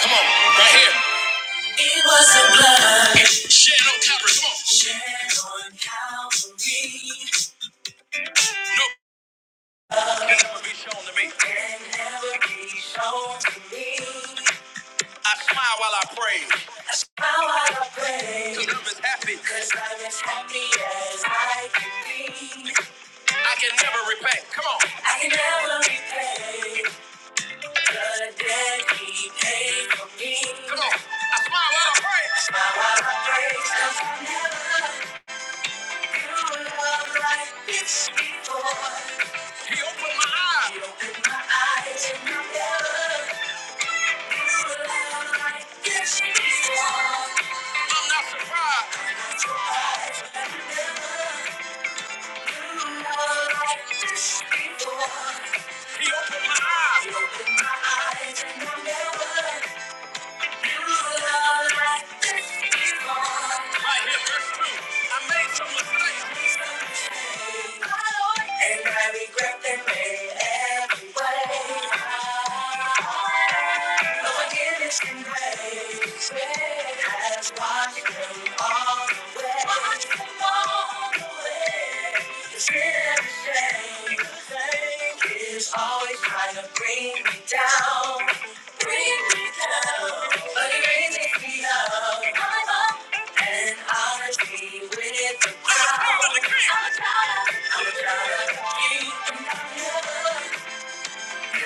Come on, right here. It wasn't blood. Shed on Calvary. Come on. Shed on Calvary. No, can never be shown to me. Can never be shown to me. I smile while I pray. Smile while I pray. i I'm as happy. i I'm as happy as I can be. I can never repay. Come on. I can never repay. Come on. I smile while I pray. I Smile while I pray. 'cause I never knew love like this before. He opened my eyes. He opened my eyes and I never knew love like this before. I'm not surprised. I'm not surprised. I never knew love like this before. He opened my eyes. He opened my eyes and I never loved Right here, verse 2. I made some mistakes. And I regret them in every way. No forgiveness and grace has washed them all away. Washed them all the way. It's always trying to bring me down, bring me down, but it raises me up. I'm up and I'll be with the crowd. I'm a child, I'm a child of you. and I never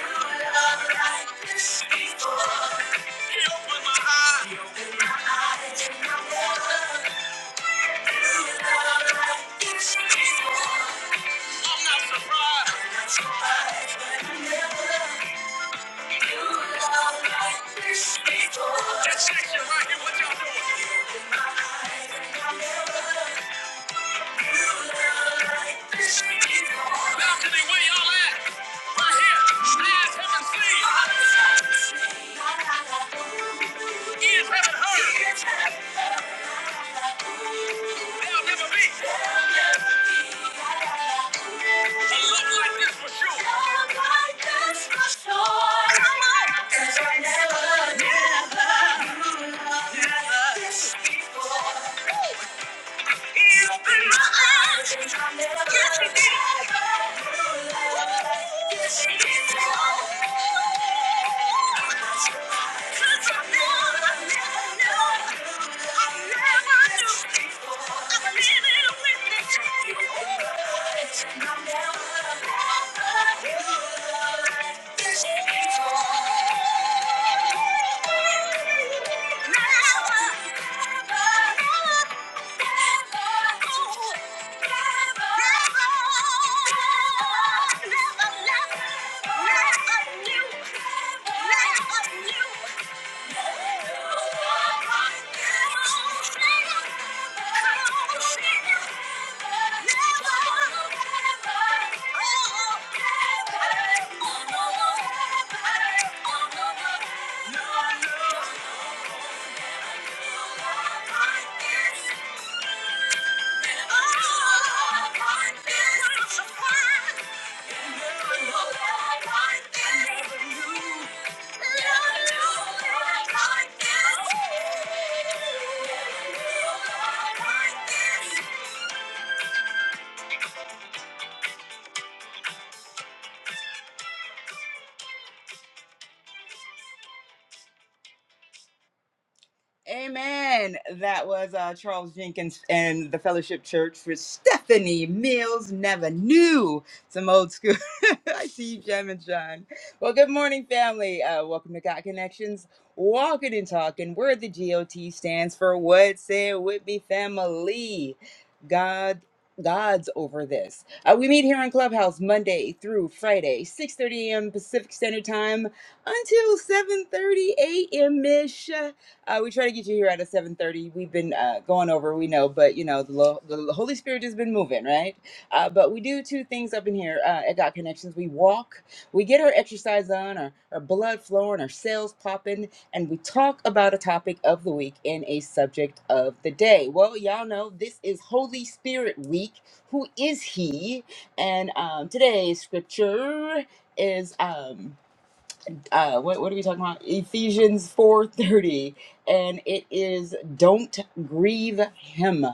knew love like this before. He opened my eyes, he opened my eyes, and I never knew love like this before. I'm not surprised, I'm not surprised, but I never. That section right here, what y'all doing? Balcony, where y'all at? Right here. Eyes haven't seen. Ears haven't heard. There'll never be a love like this for sure. Love like this for sure. Come on. 'Cause I never, never, never this before. He opened my eyes. 'Cause I never, Yes, he did. Never, never, never knew. Oh, Amen. That was uh, Charles Jenkins and the Fellowship Church for Stephanie Mills Never Knew. Some old school. I see you, Gem and John. Well, good morning, family. Uh, welcome to God Connections, Walking and Talking, where the GOT stands for What Say It With Me Family. God. God's over this. Uh, we meet here in Clubhouse Monday through Friday, 6:30 a.m. Pacific Standard Time until 7:30 a.m. ish. Uh, we try to get you here at a 7.30. We've been uh, going over, we know, but, you know, the, lo- the Holy Spirit has been moving, right? Uh, but we do two things up in here uh, at God Connections. We walk, we get our exercise on, our, our blood flowing, our cells popping, and we talk about a topic of the week and a subject of the day. Well, y'all know this is Holy Spirit Week. Who is He? And um, today's scripture is... um, uh, what, what are we talking about? Ephesians 4:30, and it is don't grieve him.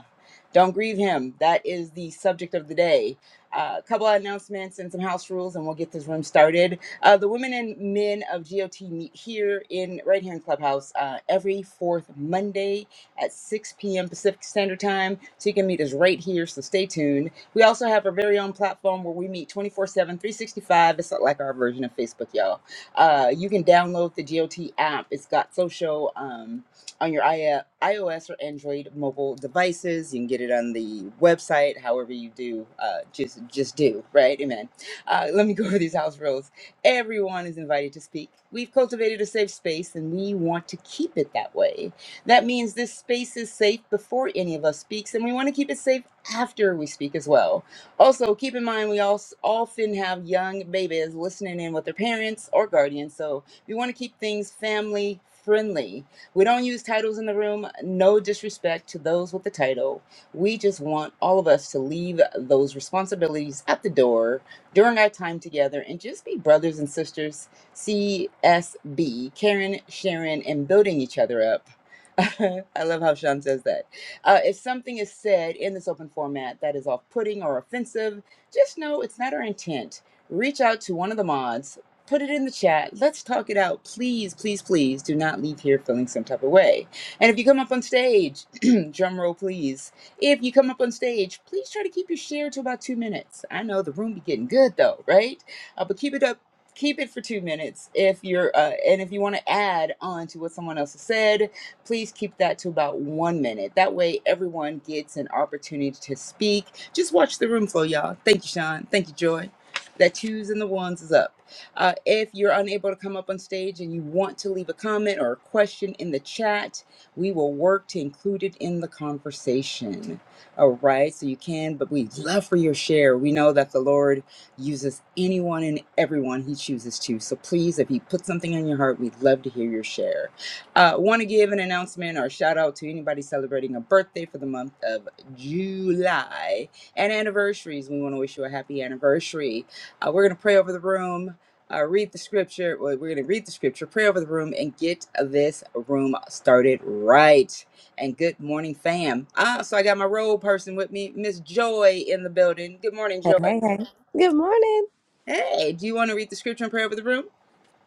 Don't grieve him. That is the subject of the day. Uh, a couple of announcements and some house rules, and we'll get this room started. Uh, the women and men of GOT meet here in right here in Clubhouse uh, every fourth Monday at 6 p.m. Pacific Standard Time. So you can meet us right here. So stay tuned. We also have our very own platform where we meet twenty four seven, three sixty five. It's like our version of Facebook, y'all uh, you can download the GOT app. It's got social um, on your I- iOS or Android mobile devices. You can get it on the website. However you do, uh, just just do right. Amen. Uh, let me go over these house rules. Everyone is invited to speak. We've cultivated a safe space, and we want to keep it that way. That means this space is safe before any of us speaks, and we want to keep it safe after we speak as well. Also, keep in mind we all often have young babies listening in with their parents or guardians, so we want to keep things family friendly. We don't use titles in the room, no disrespect to those with the title. We just want all of us to leave those responsibilities at the door during our time together and just be brothers and sisters, CSB, caring, sharing, and building each other up. I love how Sean says that. Uh, if something is said in this open format that is off putting or offensive, just know it's not our intent. Reach out to one of the mods, put it in the chat. Let's talk it out. Please, please, please do not leave here feeling some type of way. And if you come up on stage, drum roll, please. If you come up on stage, please try to keep your share to about two minutes. I know the room be getting good though, right? Uh, but keep it up. Keep it for two minutes if you're, uh, and if you want to add on to what someone else has said, Please keep that to about one minute. That way, everyone gets an opportunity to speak. Just watch the room flow, y'all. Thank you, Sean. Thank you, Joy. That twos and the ones is up. Uh, if you're unable to come up on stage and you want to leave a comment or a question in the chat, we will work to include it in the conversation. All right, so you can, but we'd love for your share. We know that the Lord uses anyone and everyone He chooses to. So please, if He put something on your heart, we'd love to hear your share. Uh, Want to give an announcement or shout out to anybody celebrating a birthday for the month of July and anniversaries. We want to wish you a happy anniversary. Uh, we're going to pray over the room, uh, read the scripture. well, We're going to read the scripture, pray over the room, and get this room started right. And good morning, fam. Ah, so I got my role person with me, Miss Joy, in the building. Good morning, Hey, Joy. hey, hey. Good morning. Hey, do you want to read the scripture and pray over the room?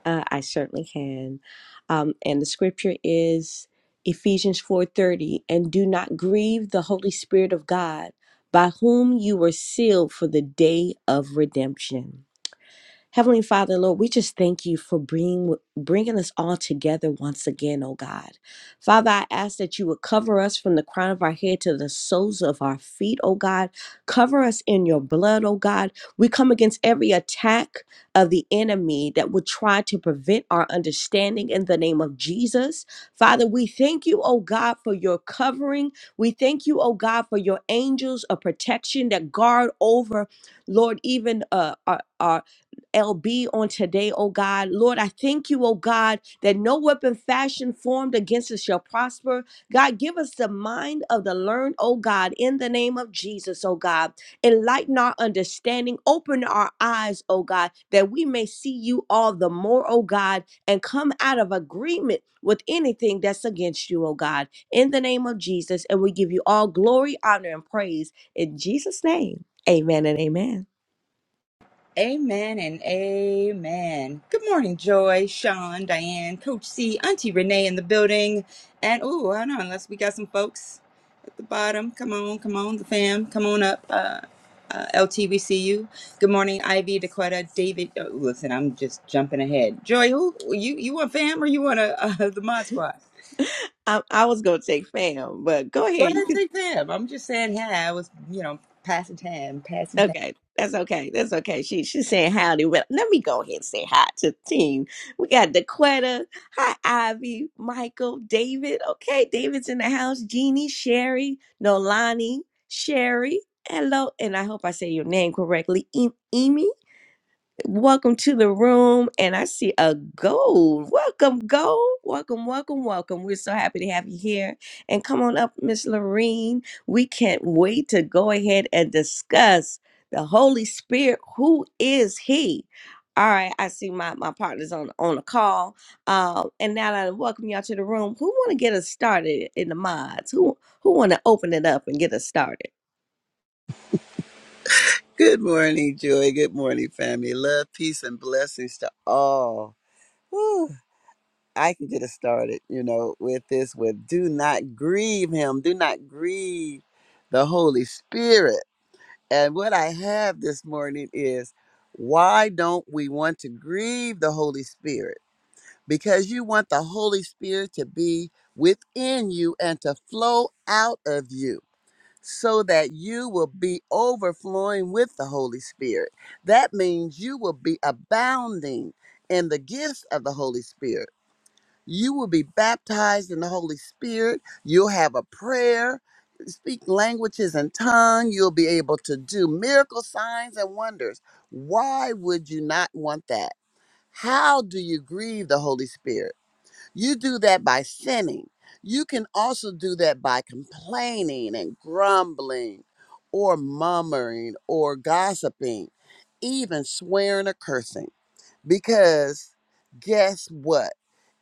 Uh, I certainly can. Um, and the scripture is Ephesians 4:30, and do not grieve the Holy Spirit of God, by whom you were sealed for the day of redemption. Heavenly Father, Lord, we just thank you for bringing, bringing us all together once again, oh God. Father, I ask that you would cover us from the crown of our head to the soles of our feet, oh God. Cover us in your blood, oh God. We come against every attack of the enemy that would try to prevent our understanding in the name of Jesus. Father, we thank you, oh God, for your covering. We thank you, oh God, for your angels of protection that guard over, Lord, even uh, our. our LB on today, oh God. Lord, I thank you, oh God, that no weapon fashioned formed against us shall prosper. God, give us the mind of the learned, oh God, in the name of Jesus, oh God. Enlighten our understanding, open our eyes, oh God, that we may see you all the more, oh God, and come out of agreement with anything that's against you, oh God, in the name of Jesus. And we give you all glory, honor, and praise in Jesus' name. Amen and amen. Amen and amen. Good morning, Joy, Sean, Diane, Coach C, Auntie Renee in the building. And oh, I don't know, unless we got some folks at the bottom. Come on, come on, the fam. Come on up. Uh, uh, LT, we see you. Good morning, Ivy, Dakota, David. Oh, listen, I'm just jumping ahead. Joy, who you you want fam or you want a, uh, the mod squad? I, I was gonna take fam, but go Go ahead. ahead You and can. take fam. I'm just saying, yeah, I was, you know, passing time, passing time. Okay, that's okay. That's okay. She she's saying howdy. Well, let me go ahead and say hi to the team. We got Daquetta. Hi, Ivy, Michael, David. Okay, David's in the house. Jeannie, Sherry, Nolani, Sherry. Hello, and I hope I say your name correctly. E, Emi. Welcome to the room, and I see a gold. Welcome, gold. Welcome, welcome, welcome. We're so happy to have you here. And come on up, Miss Lorene. We can't wait to go ahead and discuss the Holy Spirit. Who is He? All right, I see my, my partners on on the call. Uh, and now that I welcome y'all to the room, who want to get us started in the mods? Who who want to open it up and get us started? Good morning, Joy. Good morning, family. Love, peace, and blessings to all. Whew. I can get us started, you know, with this with do not grieve him. Do not grieve the Holy Spirit. And what I have this morning is why don't we want to grieve the Holy Spirit? Because you want the Holy Spirit to be within you and to flow out of you so that you will be overflowing with the Holy Spirit. That means you will be abounding in the gifts of the Holy Spirit. You will be baptized in the Holy Spirit. You'll have a prayer, speak languages and tongue. You'll be able to do miracle signs and wonders. Why would you not want that? How do you grieve the Holy Spirit? You do that by sinning. You can also do that by complaining and grumbling or murmuring or gossiping, even swearing or cursing. Because guess what?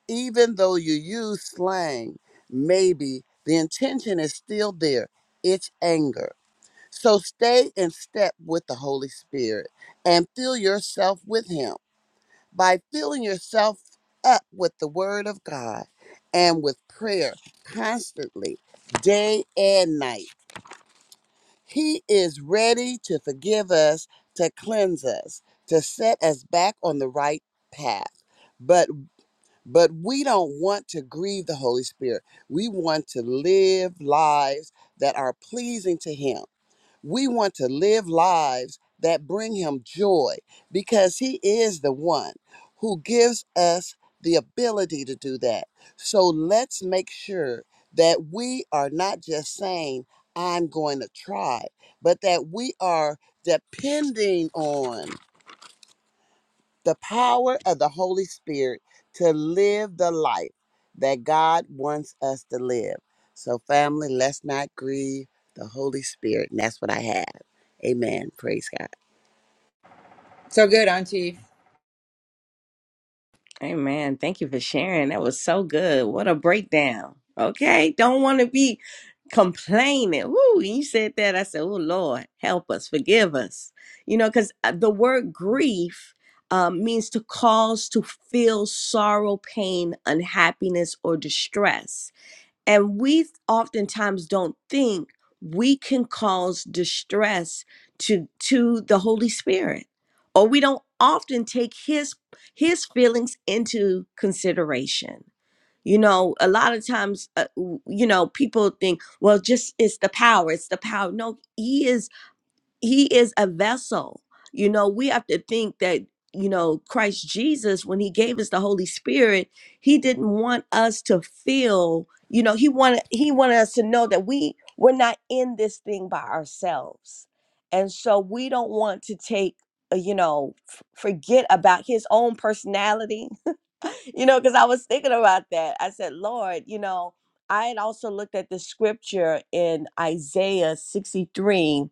Even though you use slang, maybe the intention is still there. It's anger. So stay in step with the Holy Spirit and fill yourself with Him by filling yourself up with the Word of God and with prayer constantly, day and night. He is ready to forgive us, to cleanse us, to set us back on the right path. But but we don't want to grieve the Holy Spirit. We want to live lives that are pleasing to him. We want to live lives that bring him joy because he is the one who gives us the ability to do that. So let's make sure that we are not just saying, I'm going to try, but that we are depending on the power of the Holy Spirit to live the life that God wants us to live. So, family, let's not grieve the Holy Spirit. And that's what I have. Amen. Praise So good, Auntie. Amen. Thank you for sharing. That was so good. What a breakdown. Okay. Don't want to be complaining. Woo. when You said that. I said, Oh, Lord, help us, forgive us. You know, because the word grief um, means to cause to feel sorrow, pain, unhappiness, or distress. And we oftentimes don't think we can cause distress to to the Holy Spirit. Or we don't often take his his feelings into consideration. You know, a lot of times uh, w- you know, people think, well, just it's the power, it's the power. No, he is he is a vessel. You know, we have to think that, you know, Christ Jesus, when he gave us the Holy Spirit, he didn't want us to feel, you know, he wanted he wanted us to know that we we're not in this thing by ourselves. And so we don't want to take, uh, you know, f- forget about his own personality you know, because I was thinking about that. I said, Lord, you know, I had also looked at the scripture in Isaiah 63,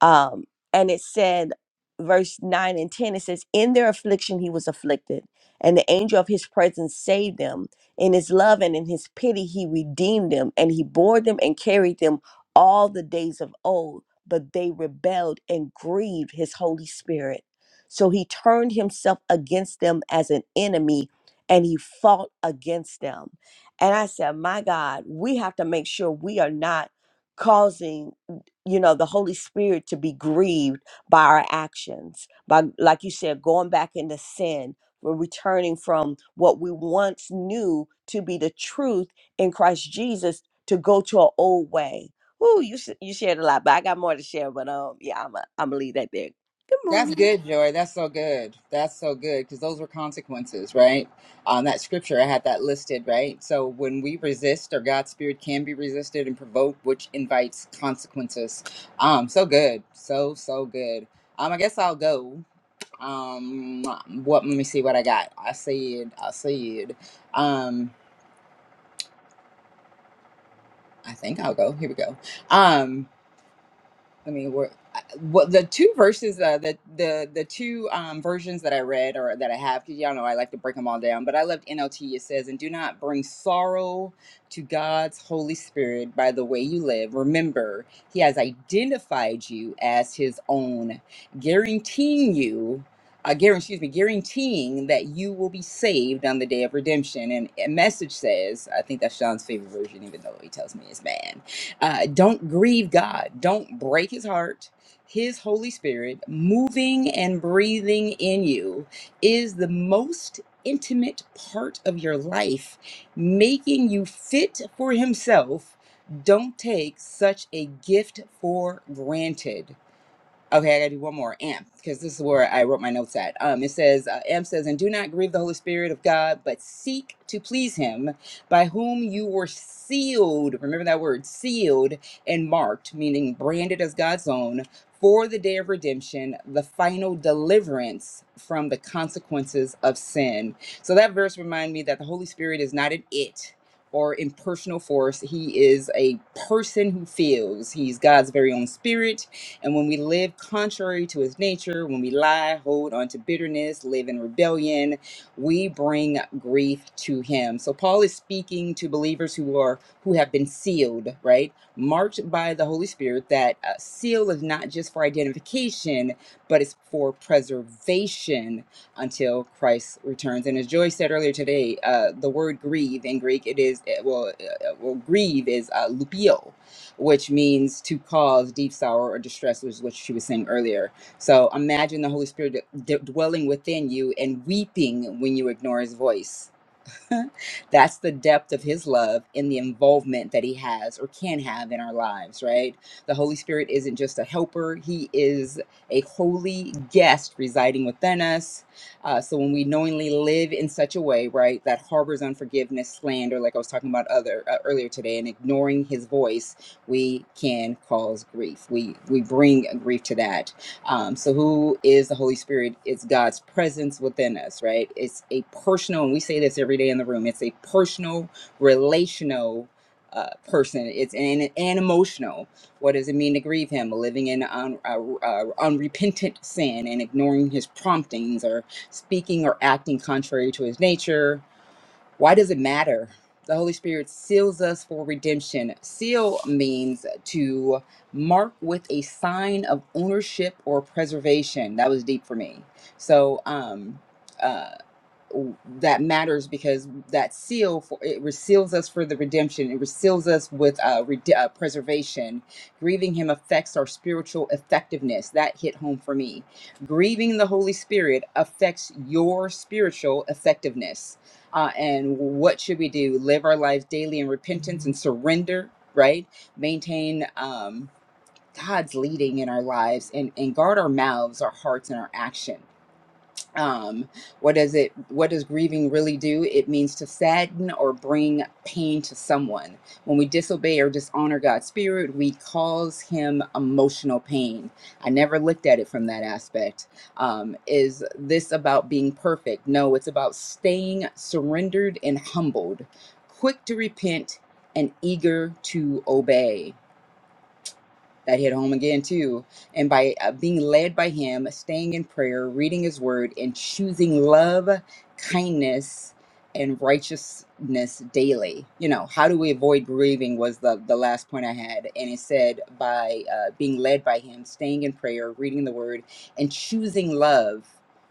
um, and it said, verse 9 and 10, it says, In their affliction he was afflicted, and the angel of his presence saved them. In his love and in his pity he redeemed them, and he bore them and carried them all the days of old. But they rebelled and grieved his Holy Spirit. So he turned himself against them as an enemy and he fought against them. And I said, My God, we have to make sure we are not causing you know the holy spirit to be grieved by our actions by like you said going back into sin we're returning from what we once knew to be the truth in christ jesus to go to an old way Ooh, you sh- you shared a lot but i got more to share but um yeah i'm am a I'm gonna leave that there good That's morning good, Joy. That's so good. That's so good because those were consequences, right? On that scripture, I had that listed, right? So when we resist, or God's spirit can be resisted and provoked, which invites consequences. Um, so good, so so good. Um, I guess I'll go. Um, what? Let me see what I got. I said. I said. Um, I think I'll go. Here we go. Um, I mean, what what the two verses, uh, the the the two um, versions that I read or that I have, because y'all know I like to break them all down. But I loved NLT. It says, "And do not bring sorrow to God's Holy Spirit by the way you live. Remember, He has identified you as His own, guaranteeing you." Uh, guar- excuse me, guaranteeing that you will be saved on the day of redemption. And a message says, I think that's Sean's favorite version, even though he tells me it's bad." Uh, don't grieve God. Don't break his heart. His Holy Spirit moving and breathing in you is the most intimate part of your life, making you fit for himself. Don't take such a gift for granted. Okay, I gotta do one more. Amp, because this is where I wrote my notes at. Um, it says, uh, Amp says, and do not grieve the Holy Spirit of God, but seek to please Him, by whom you were sealed. Remember that word, sealed and marked, meaning branded as God's own for the day of redemption, the final deliverance from the consequences of sin. So that verse reminded me that the Holy Spirit is not an it. Or impersonal force. He is a person who feels. He's God's very own spirit and when we live contrary to his nature, when we lie, hold on to bitterness, live in rebellion, we bring grief to him. So Paul is speaking to believers who are who have been sealed, right? Marked by the Holy Spirit that uh, seal is not just for identification, but it's for preservation until Christ returns. And as Joy said earlier today, uh, the word grieve in Greek it is uh, well, uh, uh, well grieve is uh, lupio which means to cause deep sorrow or distress, which is what she was saying earlier. So imagine the Holy Spirit d- dwelling within you and weeping when you ignore his voice. That's the depth of his love and the involvement that he has or can have in our lives, right? The Holy Spirit isn't just a helper, he is a holy guest residing within us. Uh, so when we knowingly live in such a way, right, that harbors unforgiveness, slander, like I was talking about other uh, earlier today, and ignoring his voice, we can cause grief. We we bring grief to that um, so, who is the Holy Spirit? It's God's presence within us, right? It's a personal, and we say this every day in the room. It's a personal, relational uh, person. It's an and emotional. What does it mean to grieve Him? Living in un, uh, uh, unrepentant sin and ignoring His promptings, or speaking or acting contrary to His nature, why does it matter? The Holy Spirit seals us for redemption. Seal means to mark with a sign of ownership or preservation. That was deep for me. So, um, uh, that matters because that seal for it reseals us for the redemption it reseals us with uh, rede- uh preservation grieving him affects our spiritual effectiveness that hit home for me grieving the holy spirit affects your spiritual effectiveness uh, and what should we do live our lives daily in repentance and surrender right maintain um god's leading in our lives and and guard our mouths our hearts and our actions um what does it what does grieving really do it means to sadden or bring pain to someone when we disobey or dishonor god's spirit we cause him emotional pain i never looked at it from that aspect um is this about being perfect no it's about staying surrendered and humbled quick to repent and eager to obey that hit home again too and by uh, being led by him staying in prayer reading his word and choosing love kindness and righteousness daily you know how do we avoid grieving was the the last point i had and it said by uh, being led by him staying in prayer reading the word and choosing love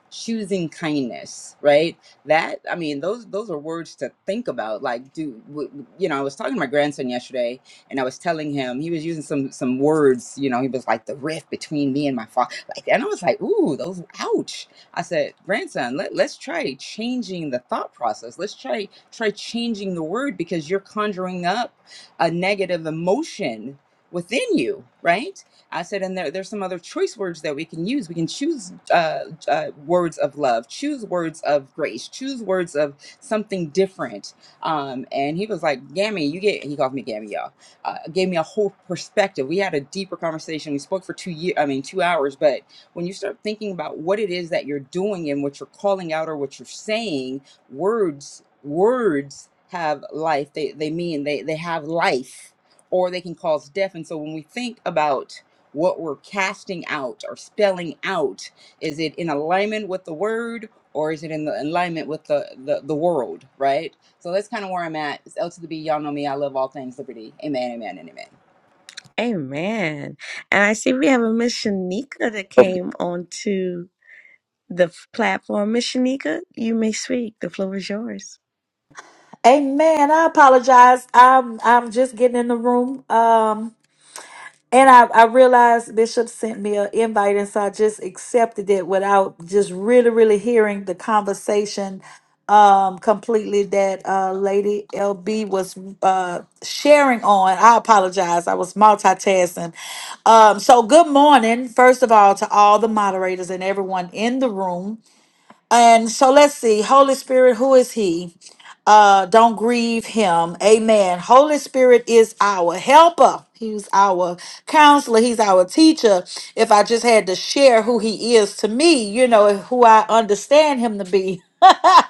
choosing kindness right that i mean those those are words to think about like do w- w- you know i was talking to my grandson yesterday and I was telling him he was using some some words. You know, he was like the rift between me and my father. Like, and I was like, ooh, those ouch. I said, grandson, let, let's try changing the thought process. Let's try try changing the word because you're conjuring up a negative emotion within you, right? I said, and there, there's some other choice words that we can use. We can choose uh, uh, words of love, choose words of grace, choose words of something different. Um, and he was like, Gammy, you get, he called me Gammy, y'all uh, gave me a whole perspective. We had a deeper conversation. We spoke for two years, I mean, two hours. But when you start thinking about what it is that you're doing and what you're calling out or what you're saying, words, words have life. They, they mean they, they have life or they can cause death. And so when we think about what we're casting out or spelling out, is it in alignment with the word or is it in the alignment with the, the, the world, right? So that's kind of where I'm at. It's L to the B. Y'all know me. I love all things liberty. Amen, amen, and amen. Amen. And I see we have a Miss Shanika that God. came onto the f- platform. Miss Shanika, you may speak. The floor is yours. Amen. I apologize. I'm I'm just getting in the room. Um and I, I realized Bishop sent me an invite and so I just accepted it without just really, really hearing the conversation um completely that uh Lady LB was uh sharing on. I apologize. I was multitasking. Um so good morning, first of all, to all the moderators and everyone in the room. And so let's see. Holy Spirit, who is he? Uh, don't grieve him. Amen. Holy Spirit is our helper. He's our counselor. He's our teacher. If I just had to share who he is to me, you know, who I understand him to be.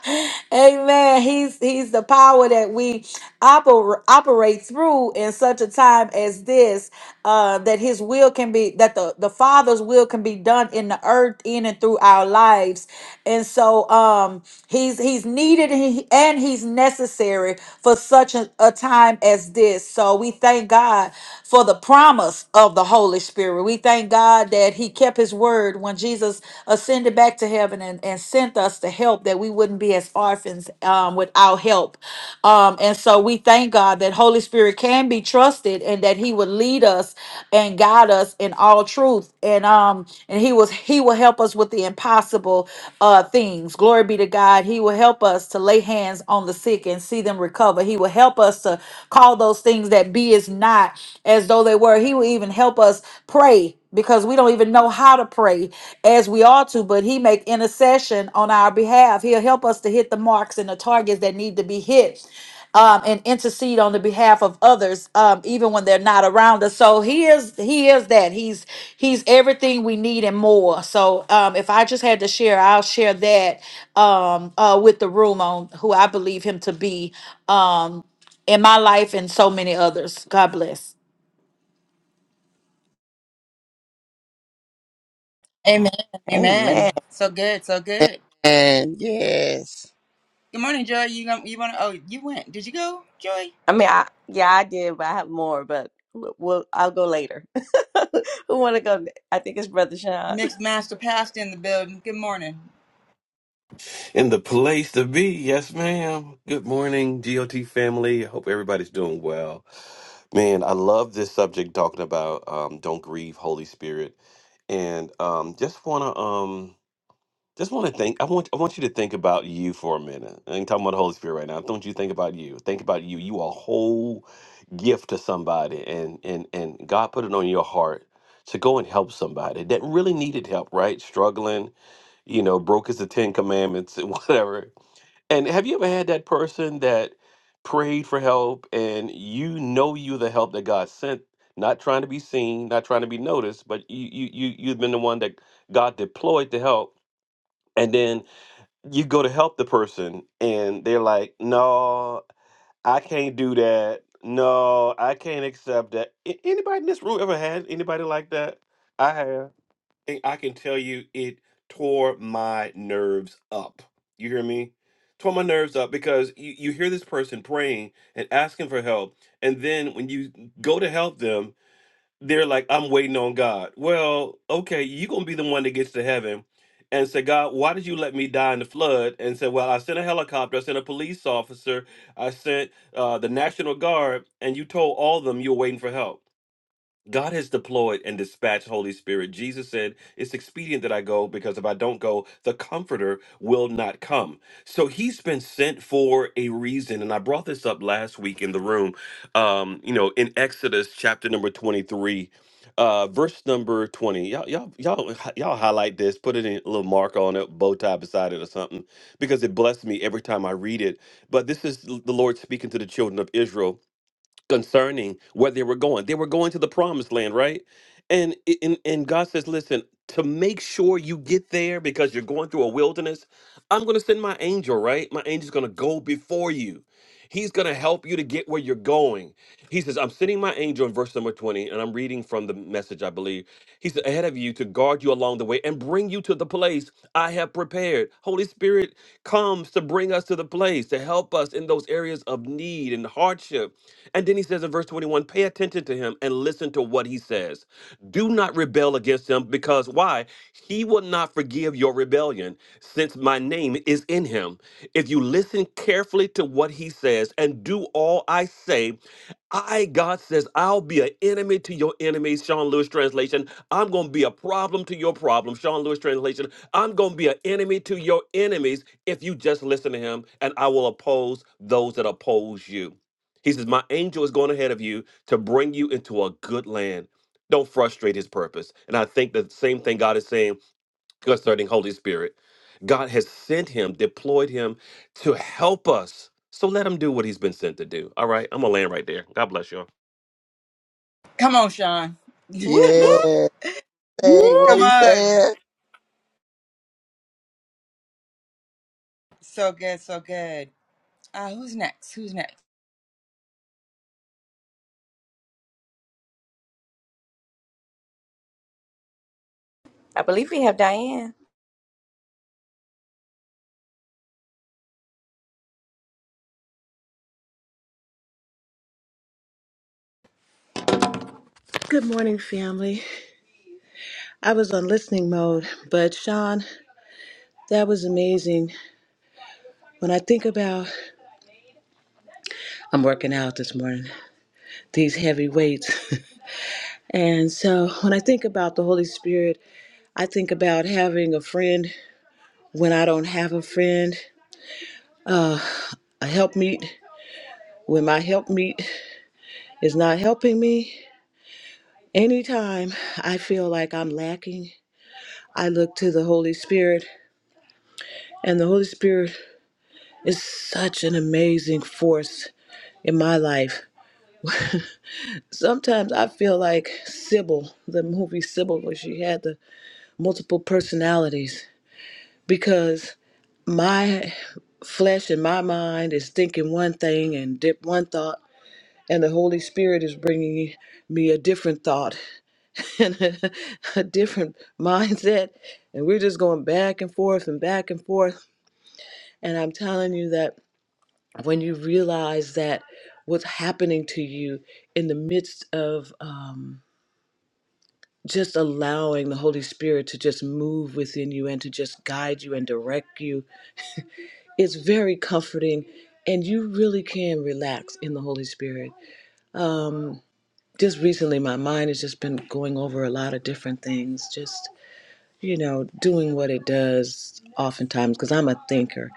Amen. He's he's the power that we oper- operate through in such a time as this uh, that his will can be that the, the father's will can be done in the earth in and through our lives and so um he's he's needed and he- and he's necessary for such a, a time as this so we thank god for the promise of the holy spirit we thank god that he kept his word when jesus ascended back to heaven and and sent us to help that we wouldn't be as orphans um, without help. Um, and so we thank God that Holy Spirit can be trusted and that He would lead us and guide us in all truth. And um, and He was He will help us with the impossible uh things. Glory be to God. He will help us to lay hands on the sick and see them recover. He will help us to call those things that be is not as though they were. He will even help us pray because we don't even know how to pray as we ought to but he make intercession on our behalf he'll help us to hit the marks and the targets that need to be hit um, and intercede on the behalf of others um, even when they're not around us so he is he is that he's he's everything we need and more so um, if i just had to share i'll share that um, uh, with the room on who i believe him to be um, in my life and so many others god bless Amen, amen. Amen. So good, so good. Amen. Yes. Good morning, Joy. You gon- you want to? Oh, you went. Did you go, Joy? I mean, I yeah, I did, but I have more. But we'll, we'll- I'll go later. Who want to go? ne- I think it's Brother Sean. Mixed Master Pastor in the building. Good morning. In the place to be, yes, ma'am. Good morning, GOT family. I Hope everybody's doing well. Man, I love this subject talking about um, don't grieve, Holy Spirit, and um, just wanna um, just wanna think. I want I want you to think about you for a minute. I ain't talking about the Holy Spirit right now. I want you to think about you. Think about you. You are a whole gift to somebody, and and and God put it on your heart to go and help somebody that really needed help, right? Struggling, you know, broke as the Ten Commandments and whatever and have you ever had that person that prayed for help and you know you the help that God sent, not trying to be seen, not trying to be noticed, but you you you you've been the one that God deployed to help and then you go to help the person and they're like, "No, I can't do that. No, I can't accept that." A- Anybody in this room ever had anybody like that? I have thing I can tell you, it tore my nerves up. You hear me? Tore my nerves up because you, you hear this person praying and asking for help. And then when you go to help them, they're like, I'm waiting on God. Well, okay, you're going to be the one that gets to heaven and say, God, why did you let me die in the flood? And say, Well, I sent a helicopter, I sent a police officer, I sent uh, the National Guard, and you told all of them you were waiting for help. God has deployed and dispatched Holy Spirit. Jesus said, It's expedient that I go because if I don't go, the Comforter will not come. So he's been sent for a reason. And I brought this up last week in the room, um, you know, in Exodus chapter number 23. Uh, verse number 20 y'all, y'all y'all y'all highlight this put it in a little mark on it bow tie beside it or something because it blessed me every time i read it but this is the lord speaking to the children of israel concerning where they were going. They were going to the promised land, right? And i- and and God says, "Listen, to make sure you get there because you're going through a wilderness, I'm going to send my angel, right? My angel's going to go before you. He's going to help you to get where you're going." He says, I'm sending my angel in verse number 20, and I'm reading from the message, I believe. He said, ahead of you to guard you along the way and bring you to the place I have prepared. Holy Spirit comes to bring us to the place, to help us in those areas of need and hardship. And then he says in verse 21, pay attention to him and listen to what he says. Do not rebel against him because why? He will not forgive your rebellion since my name is in him. If you listen carefully to what he says and do all I say, I, God says, I'll be an enemy to your enemies, Sean Lewis translation. I'm going to be a problem to your problem, Sean Lewis translation. I'm going to be an enemy to your enemies if you just listen to him, and I will oppose those that oppose you. He says, My angel is going ahead of you to bring you into a good land. Don't frustrate his purpose. And I think the same thing God is saying concerning Holy Spirit. God has sent him, deployed him to help us. So let him do what he's been sent to do. All right, I'm gonna land right there. God bless y'all. Come on, Sean. Woo woo. Yes. Hey, what Come he Woo! on. said. So good, so good. Uh, who's next? Who's next? I believe we have Diane. Good morning, family. I was on listening mode, but Sean, that was amazing. When I think about, I'm working out this morning, these heavy weights. and so when I think about the Holy Spirit, I think about having a friend when I don't have a friend, a helpmeet when my helpmeet is not helping me. Anytime I feel like I'm lacking, I look to the Holy Spirit, and the Holy Spirit is such an amazing force in my life. Sometimes I feel like Sybil, the movie Sybil, where she had the multiple personalities, because my flesh and my mind is thinking one thing and dip one thought, and the Holy Spirit is bringing me a different thought and a, a different mindset, and we're just going back and forth and back and forth. And I'm telling you that when you realize that what's happening to you in the midst of, um, just allowing the Holy Spirit to just move within you and to just guide you and direct you is very comforting. And you really can relax in the Holy Spirit. Um, just recently, my mind has just been going over a lot of different things, just, you know, doing what it does oftentimes, because I'm a thinker.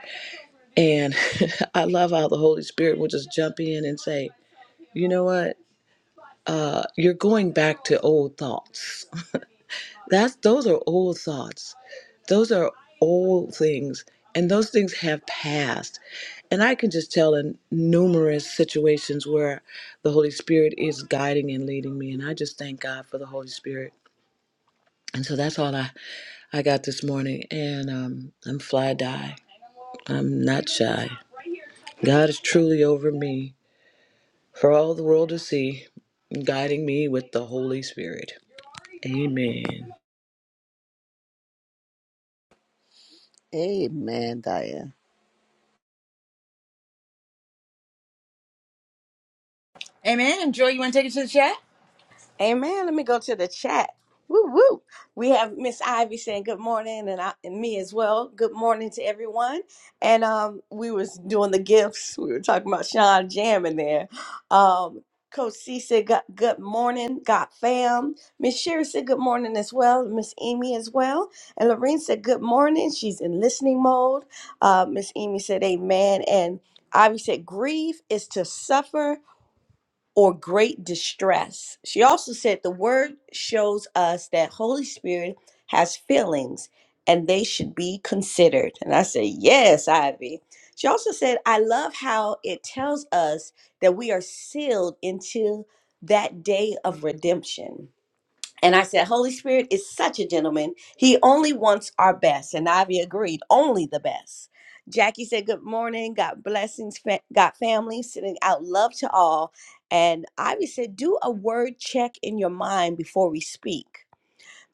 And I love how the Holy Spirit will just jump in and say, you know what? Uh, you're going back to old thoughts That's those are old thoughts. Those are old things. And those things have passed. And I can just tell in numerous situations where the Holy Spirit is guiding and leading me. And I just thank God for the Holy Spirit. And so that's all I, I got this morning. And um, I'm fly die. I'm not shy. God is truly over me for all the world to see, guiding me with the Holy Spirit. Amen. Amen, Diane. Amen. Joy, you want to take it to the chat? Amen. Let me go to the chat. Woo woo. We have Miss Ivy saying good morning, and, I, and me as well. Good morning to everyone. And um, we was doing the gifts. We were talking about Sean jamming there. Um, Coach C said good, good morning, God fam. Miss Sherry said good morning as well. Miss Amy as well. And Lorene said good morning. She's in listening mode. Uh, Miss Amy said amen. And Ivy said grief is to suffer or great distress. She also said the word shows us that Holy Spirit has feelings and they should be considered. And I said, Yes, Ivy. She also said, I love how it tells us that we are sealed until that day of redemption. And I said, Holy Spirit is such a gentleman. He only wants our best. And Ivy agreed, only the best. Jackie said, Good morning. God blessings. fa- God family. Sending out love to all. And Ivy said, Do a word check in your mind before we speak.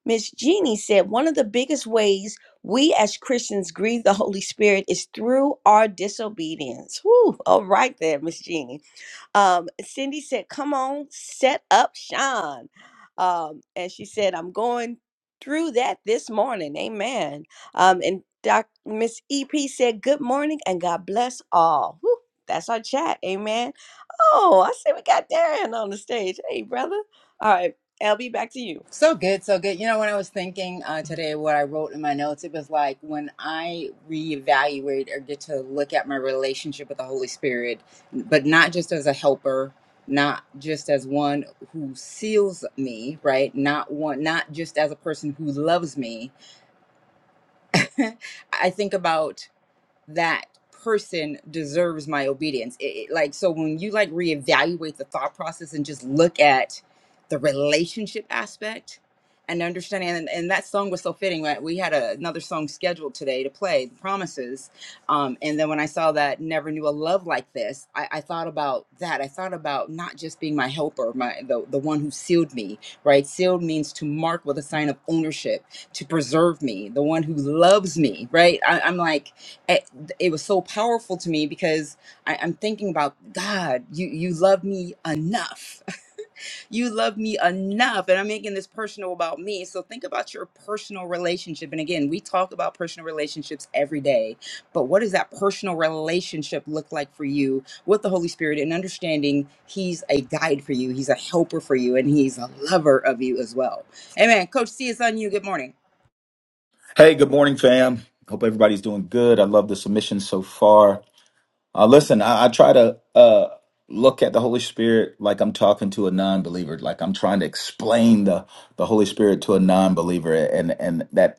Miss Jeannie said, One of the biggest ways we as Christians grieve the Holy Spirit is through our disobedience. Whew, all right there, Miss Jeannie. Um, Cindy said, Come on, set up Sean. Um, and she said, I'm going through that this morning. Amen. Um, and Doc Miss EP said, Good morning and God bless all. Whew, that's our chat. Amen. Oh, I said we got Darren on the stage. Hey, brother. All right, LB, back to you. So good, so good. You know, when I was thinking uh, today, what I wrote in my notes, it was like when I reevaluate or get to look at my relationship with the Holy Spirit, but not just as a helper, not just as one who seals me, right? Not one, not just as a person who loves me. I think about that person deserves my obedience. It, it- like so when you like reevaluate the thought process and just look at the relationship aspect and understanding and, and that song was so fitting right we had a, another song scheduled today to play the promises um, and then when i saw that never knew a love like this I, I thought about that i thought about not just being my helper my the, the one who sealed me right sealed means to mark with a sign of ownership to preserve me the one who loves me right I, i'm like it was so powerful to me because I, I'm thinking about God, you you love me enough. you love me enough. And I'm making this personal about me. So think about your personal relationship. And again, we talk about personal relationships every day, but what does that personal relationship look like for you with the Holy Spirit and understanding He's a guide for you, He's a helper for you, and He's a lover of you as well. Amen. Coach C, it's on you. Good morning. Hey, good morning, fam. Hope everybody's doing good. I love the submission so far. Uh, listen, I, I try to uh, look at the Holy Spirit like I'm talking to a non-believer, like I'm trying to explain the the Holy Spirit to a non-believer, and and that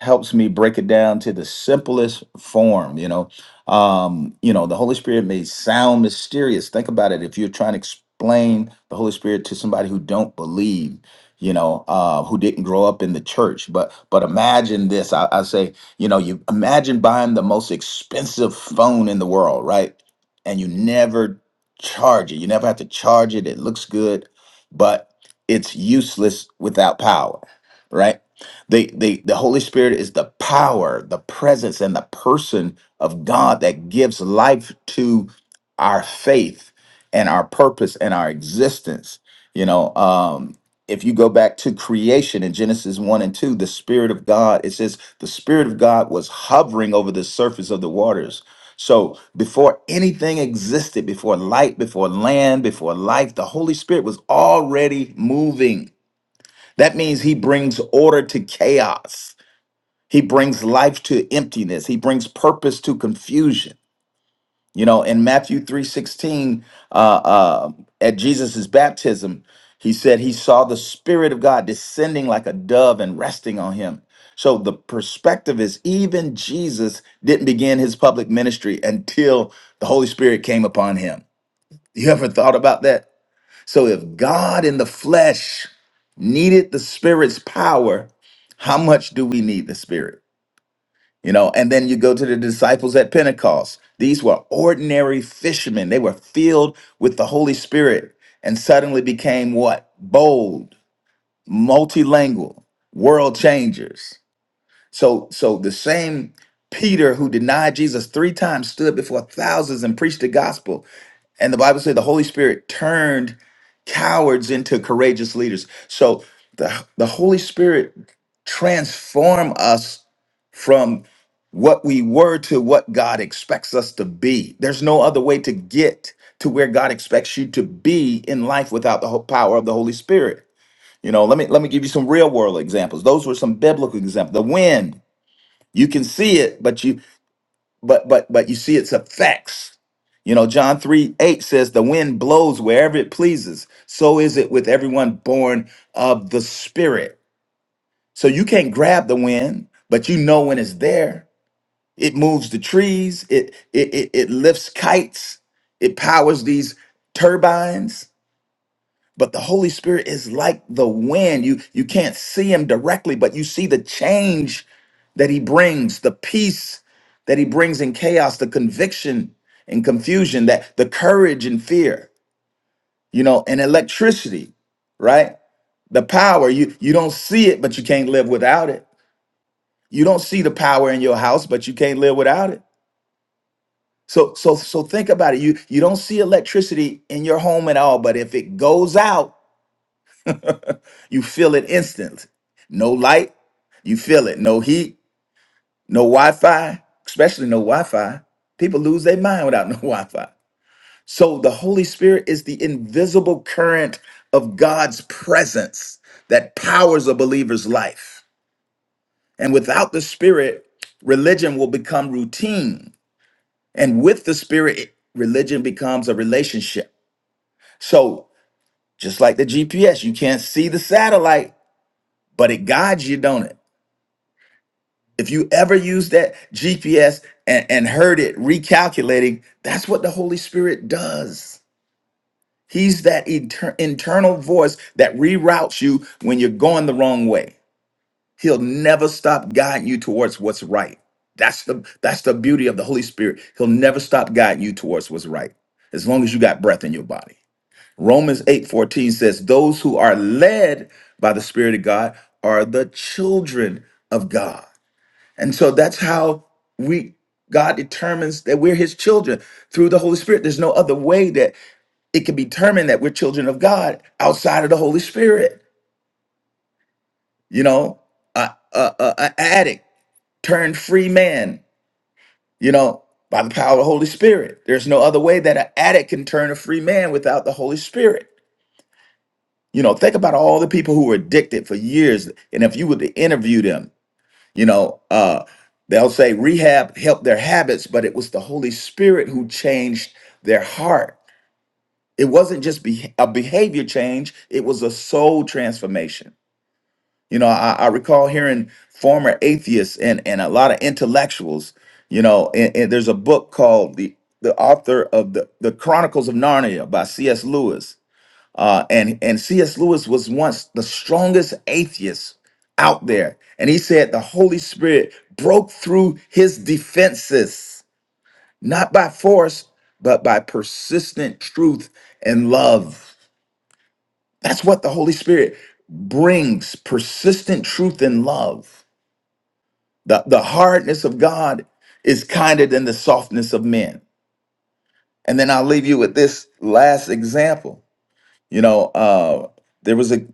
helps me break it down to the simplest form you know um you know the holy spirit may sound mysterious think about it if you're trying to explain the holy spirit to somebody who don't believe you know uh who didn't grow up in the church but but imagine this i, I say you know you imagine buying the most expensive phone in the world right and you never charge it you never have to charge it it looks good but it's useless without power right the the the Holy Spirit is the power, the presence, and the person of God that gives life to our faith and our purpose and our existence. You know, um, if you go back to creation in Genesis 1 and 2, the Spirit of God, it says the Spirit of God was hovering over the surface of the waters. So before anything existed, before light, before land, before life, the Holy Spirit was already moving that means he brings order to chaos. He brings life to emptiness. He brings purpose to confusion. You know, in Matthew 3:16, uh, uh, at Jesus' baptism, he said he saw the Spirit of God descending like a dove and resting on him. So the perspective is even Jesus didn't begin his public ministry until the Holy Spirit came upon him. You ever thought about that? So if God in the flesh needed the spirit's power, how much do we need the spirit? You know, and then you go to the disciples at Pentecost. These were ordinary fishermen. They were filled with the Holy Spirit and suddenly became what? Bold, multilingual, world changers. So so the same Peter who denied Jesus 3 times stood before thousands and preached the gospel and the Bible said the Holy Spirit turned cowards into courageous leaders. So the, the Holy Spirit transform us from what we were to what God expects us to be. There's no other way to get to where God expects you to be in life without the ho- power of the Holy Spirit. You know, let me let me give you some real world examples. Those were some biblical examples. The wind, you can see it, but you but but but you see its effects you know john 3 8 says the wind blows wherever it pleases so is it with everyone born of the spirit so you can't grab the wind but you know when it's there it moves the trees it it it, it lifts kites it powers these turbines but the holy spirit is like the wind you you can't see him directly but you see the change that he brings the peace that he brings in chaos the conviction and confusion that the courage and fear you know and electricity right the power you you don't see it but you can't live without it you don't see the power in your house but you can't live without it so so so think about it you you don't see electricity in your home at all but if it goes out You feel it instantly. No light, you feel it. No heat, no Wi-Fi, especially no Wi-Fi. People lose their mind without no Wi-Fi. So the Holy Spirit is the invisible current of God's presence that powers a believer's life. And without the Spirit, religion will become routine. And with the Spirit, religion becomes a relationship. So just like the GPS, you can't see the satellite, but it guides you, don't it? If you ever use that GPS and, and heard it recalculating, that's what the Holy Spirit does. He's that inter- internal voice that reroutes you when you're going the wrong way. He'll never stop guiding you towards what's right. That's the that's the beauty of the Holy Spirit. He'll never stop guiding you towards what's right as long as you got breath in your body. Romans 8:14 says those who are led by the spirit of God are the children of God. And so that's how we God determines that we're his children through the Holy Spirit. There's no other way that it can be determined that we're children of God outside of the Holy Spirit. You know, a, a, a, a addict turned free man, you know, by the power of the Holy Spirit. There's no other way that an addict can turn a free man without the Holy Spirit. You know, think about all the people who were addicted for years. And if you were to interview them, You know, uh, they'll say rehab helped their habits, but it was the Holy Spirit who changed their heart. It wasn't just be- a behavior change, it was a soul transformation. You know, I, I recall hearing former atheists and, and a lot of intellectuals, you know, and, and there's a book called the, the author of the, the Chronicles of Narnia by C.S. Lewis uh, and and C.S. Lewis was once the strongest atheist out there, and he said the Holy Spirit broke through his defenses, not by force, but by persistent truth and love. That's what the Holy Spirit brings: persistent truth and love. The the hardness of God is kinder than the softness of men. And then I'll leave you with this last example. You know, uh, there was a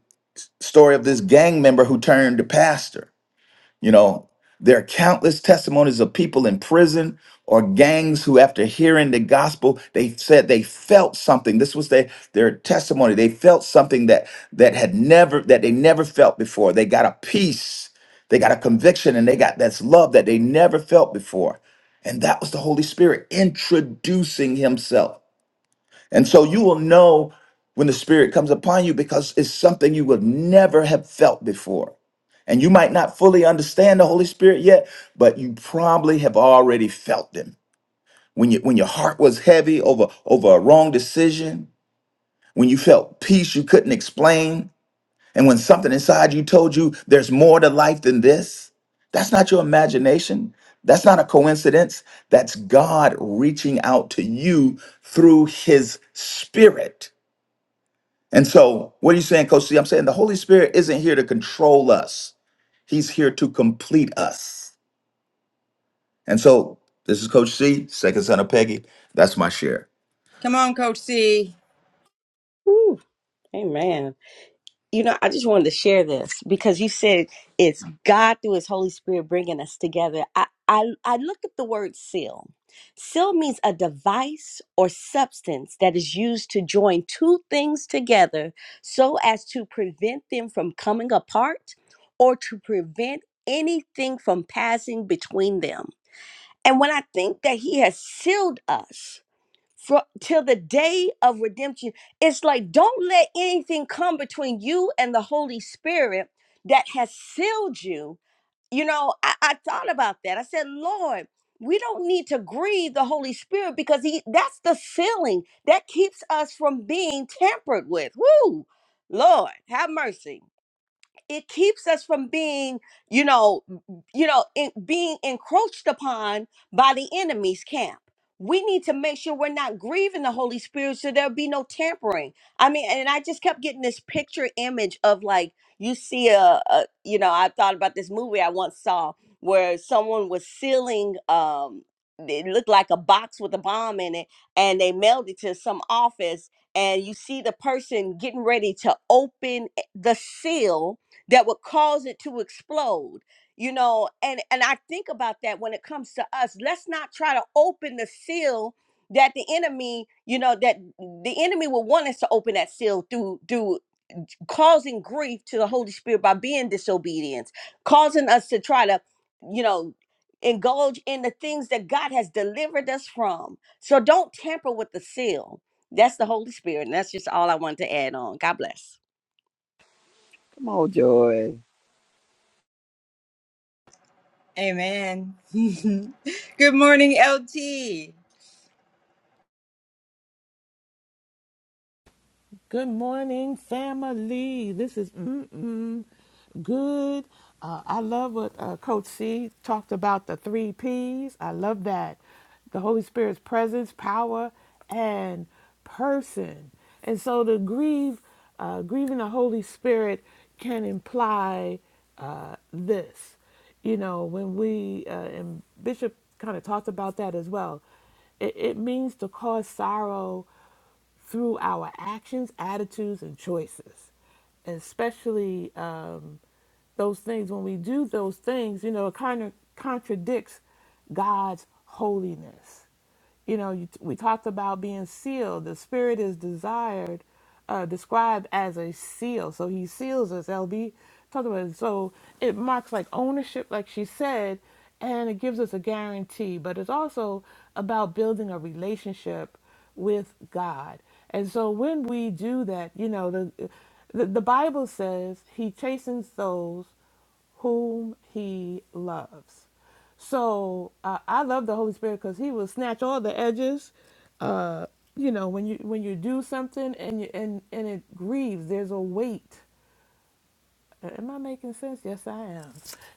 story of this gang member who turned to pastor. You know, there are countless testimonies of people in prison or gangs who, after hearing the gospel, they said they felt something. This was their, their testimony. They felt something that that had never that they never felt before. They got a peace, they got a conviction, and they got that's love that they never felt before. And that was the Holy Spirit introducing Himself. And so you will know when the Spirit comes upon you because it's something you would never have felt before. And you might not fully understand the Holy Spirit yet, but you probably have already felt them. When, you, when your heart was heavy over, over a wrong decision, when you felt peace you couldn't explain, and when something inside you told you there's more to life than this, that's not your imagination. That's not a coincidence. That's God reaching out to you through His Spirit. And so, what are you saying, Coach C? I'm saying the Holy Spirit isn't here to control us, He's here to complete us. And so, this is Coach C, second son of Peggy. That's my share. Come on, Coach C. Woo, amen. you know, I just wanted to share this because you said it's God through His Holy Spirit bringing us together. I, I, I look at the word seal. Seal means a device or substance that is used to join two things together so as to prevent them from coming apart or to prevent anything from passing between them. And when I think that He has sealed us, from till the day of redemption. It's like don't let anything come between you and the Holy Spirit that has sealed you. You know, I, I thought about that. I said, Lord, we don't need to grieve the Holy Spirit because he that's the sealing that keeps us from being tampered with. Woo! Lord, have mercy it keeps us from being you know you know in, being encroached upon by the enemy's camp we need to make sure we're not grieving the holy spirit so there'll be no tampering i mean and i just kept getting this picture image of like you see a, a you know i thought about this movie i once saw where someone was sealing um it looked like a box with a bomb in it and they mailed it to some office and you see the person getting ready to open eh, the seal that would cause it to explode you know and and i think about that when it comes to us let's not try to open the seal that the enemy you know that the enemy will want us to open that seal through through causing grief to the holy spirit by being disobedience causing us to try to you know indulge in the things that god has delivered us from so don't tamper with the seal that's the holy spirit and that's just all i wanted to add on god bless Come on, Joy. Amen. good morning, LT. Good morning, family. This is mm-mm good. Uh, I love what uh, Coach C talked about the three P's. I love that. The Holy Spirit's presence, power, and person. And so to grieve, uh, grieving the Holy Spirit can imply uh, this. You know, when we, uh, and Bishop kind of talked about that as well, it, it means to cause sorrow through our actions, attitudes, and choices, and especially um, those things. When we do those things, you know, it kind of contradicts God's holiness. You know, you, we talked about being sealed. The Spirit is desired, uh, described as a seal. So He seals us. LB talked about it. So it marks like ownership, like she said, and it gives us a guarantee. But it's also about building a relationship with God. And so when we do that, you know, the the, the Bible says he chastens those whom he loves. So uh, I love the Holy Spirit because he will snatch all the edges. Uh, you know, when you when you do something and you, and and it grieves, there's a weight Am I making sense? Yes, I am.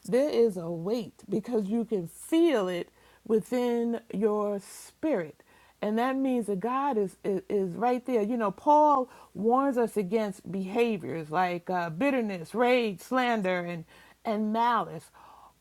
There is a weight because you can feel it within your spirit. And that means that God is, is, is right there. You know, Paul warns us against behaviors like uh, bitterness, rage, slander, and, and malice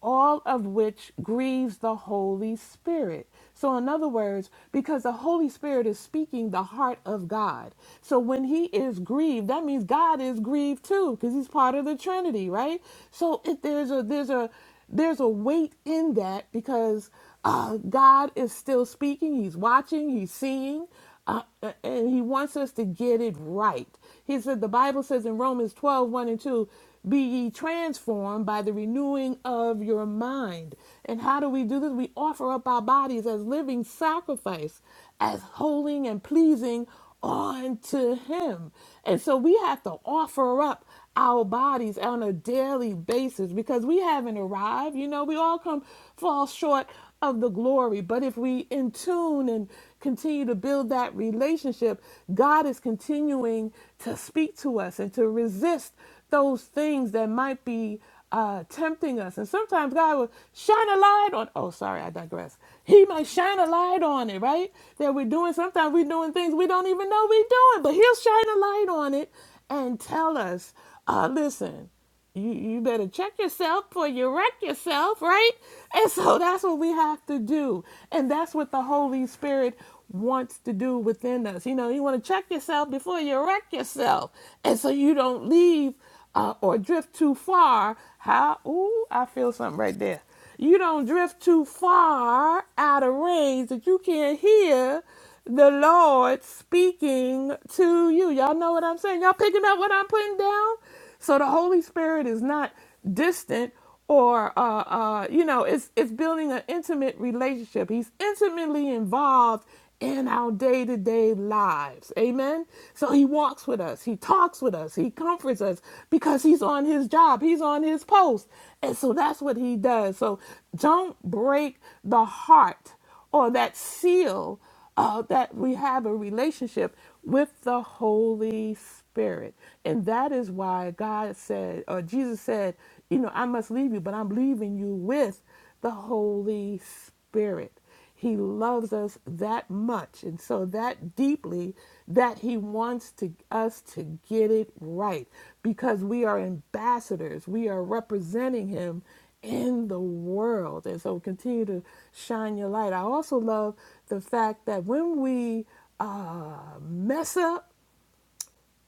all of which grieves the Holy Spirit. So, in other words, because the Holy Spirit is speaking the heart of God. So, when He is grieved, that means God is grieved too, because He's part of the Trinity, right? So, if there's a, there's a, there's a weight in that because uh, God is still speaking, He's watching, He's seeing, uh, and He wants us to get it right. He said, the Bible says in Romans twelve one and 2, be ye transformed by the renewing of your mind. And how do we do this? We offer up our bodies as living sacrifice, as holy and pleasing unto Him. And so we have to offer up our bodies on a daily basis because we haven't arrived. You know, we all come fall short of the glory. But if we in tune and continue to build that relationship, God is continuing to speak to us and to resist those things that might be uh, tempting us. And sometimes God will shine a light on. Oh, sorry, I digress. He might shine a light on it, right? That we're doing. Sometimes we're doing things we don't even know we're doing, but he'll shine a light on it and tell us, uh, listen, you, you better check yourself before you wreck yourself, right? And so that's what we have to do. And that's what the Holy Spirit wants to do within us. You know, you want to check yourself before you wreck yourself. And so you don't leave uh, or drift too far. How? Ooh, I feel something right there. You don't drift too far out of range that you can't hear the Lord speaking to you. Y'all know what I'm saying? Y'all picking up what I'm putting down? So the Holy Spirit is not distant or uh, uh, you know, it's it's building an intimate relationship. He's intimately involved in our day to day lives. Amen. So he walks with us, he talks with us, he comforts us because he's on his job, he's on his post. And so that's what he does. So don't break the heart or that seal uh, that we have a relationship with the Holy Spirit. And that is why God said, or Jesus said, you know, I must leave you, but I'm leaving you with the Holy Spirit. He loves us that much and so that deeply that he wants to us to get it right because we are ambassadors. We are representing him in the world. And so continue to shine your light. I also love the fact that when we uh, mess up,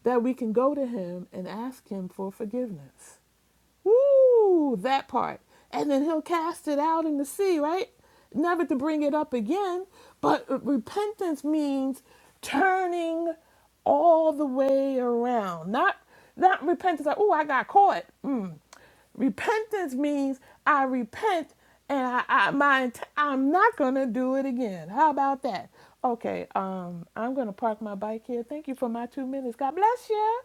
that we can go to him and ask him for forgiveness Woo, that part. And then he'll cast it out in the sea, right? Never to bring it up again. But repentance means turning all the way around. Not not repentance like, oh, I got caught. Mm. Repentance means I repent and I, I my int- I'm not gonna do it again. How about that? Okay, um, I'm gonna park my bike here. Thank you for my two minutes. God bless you.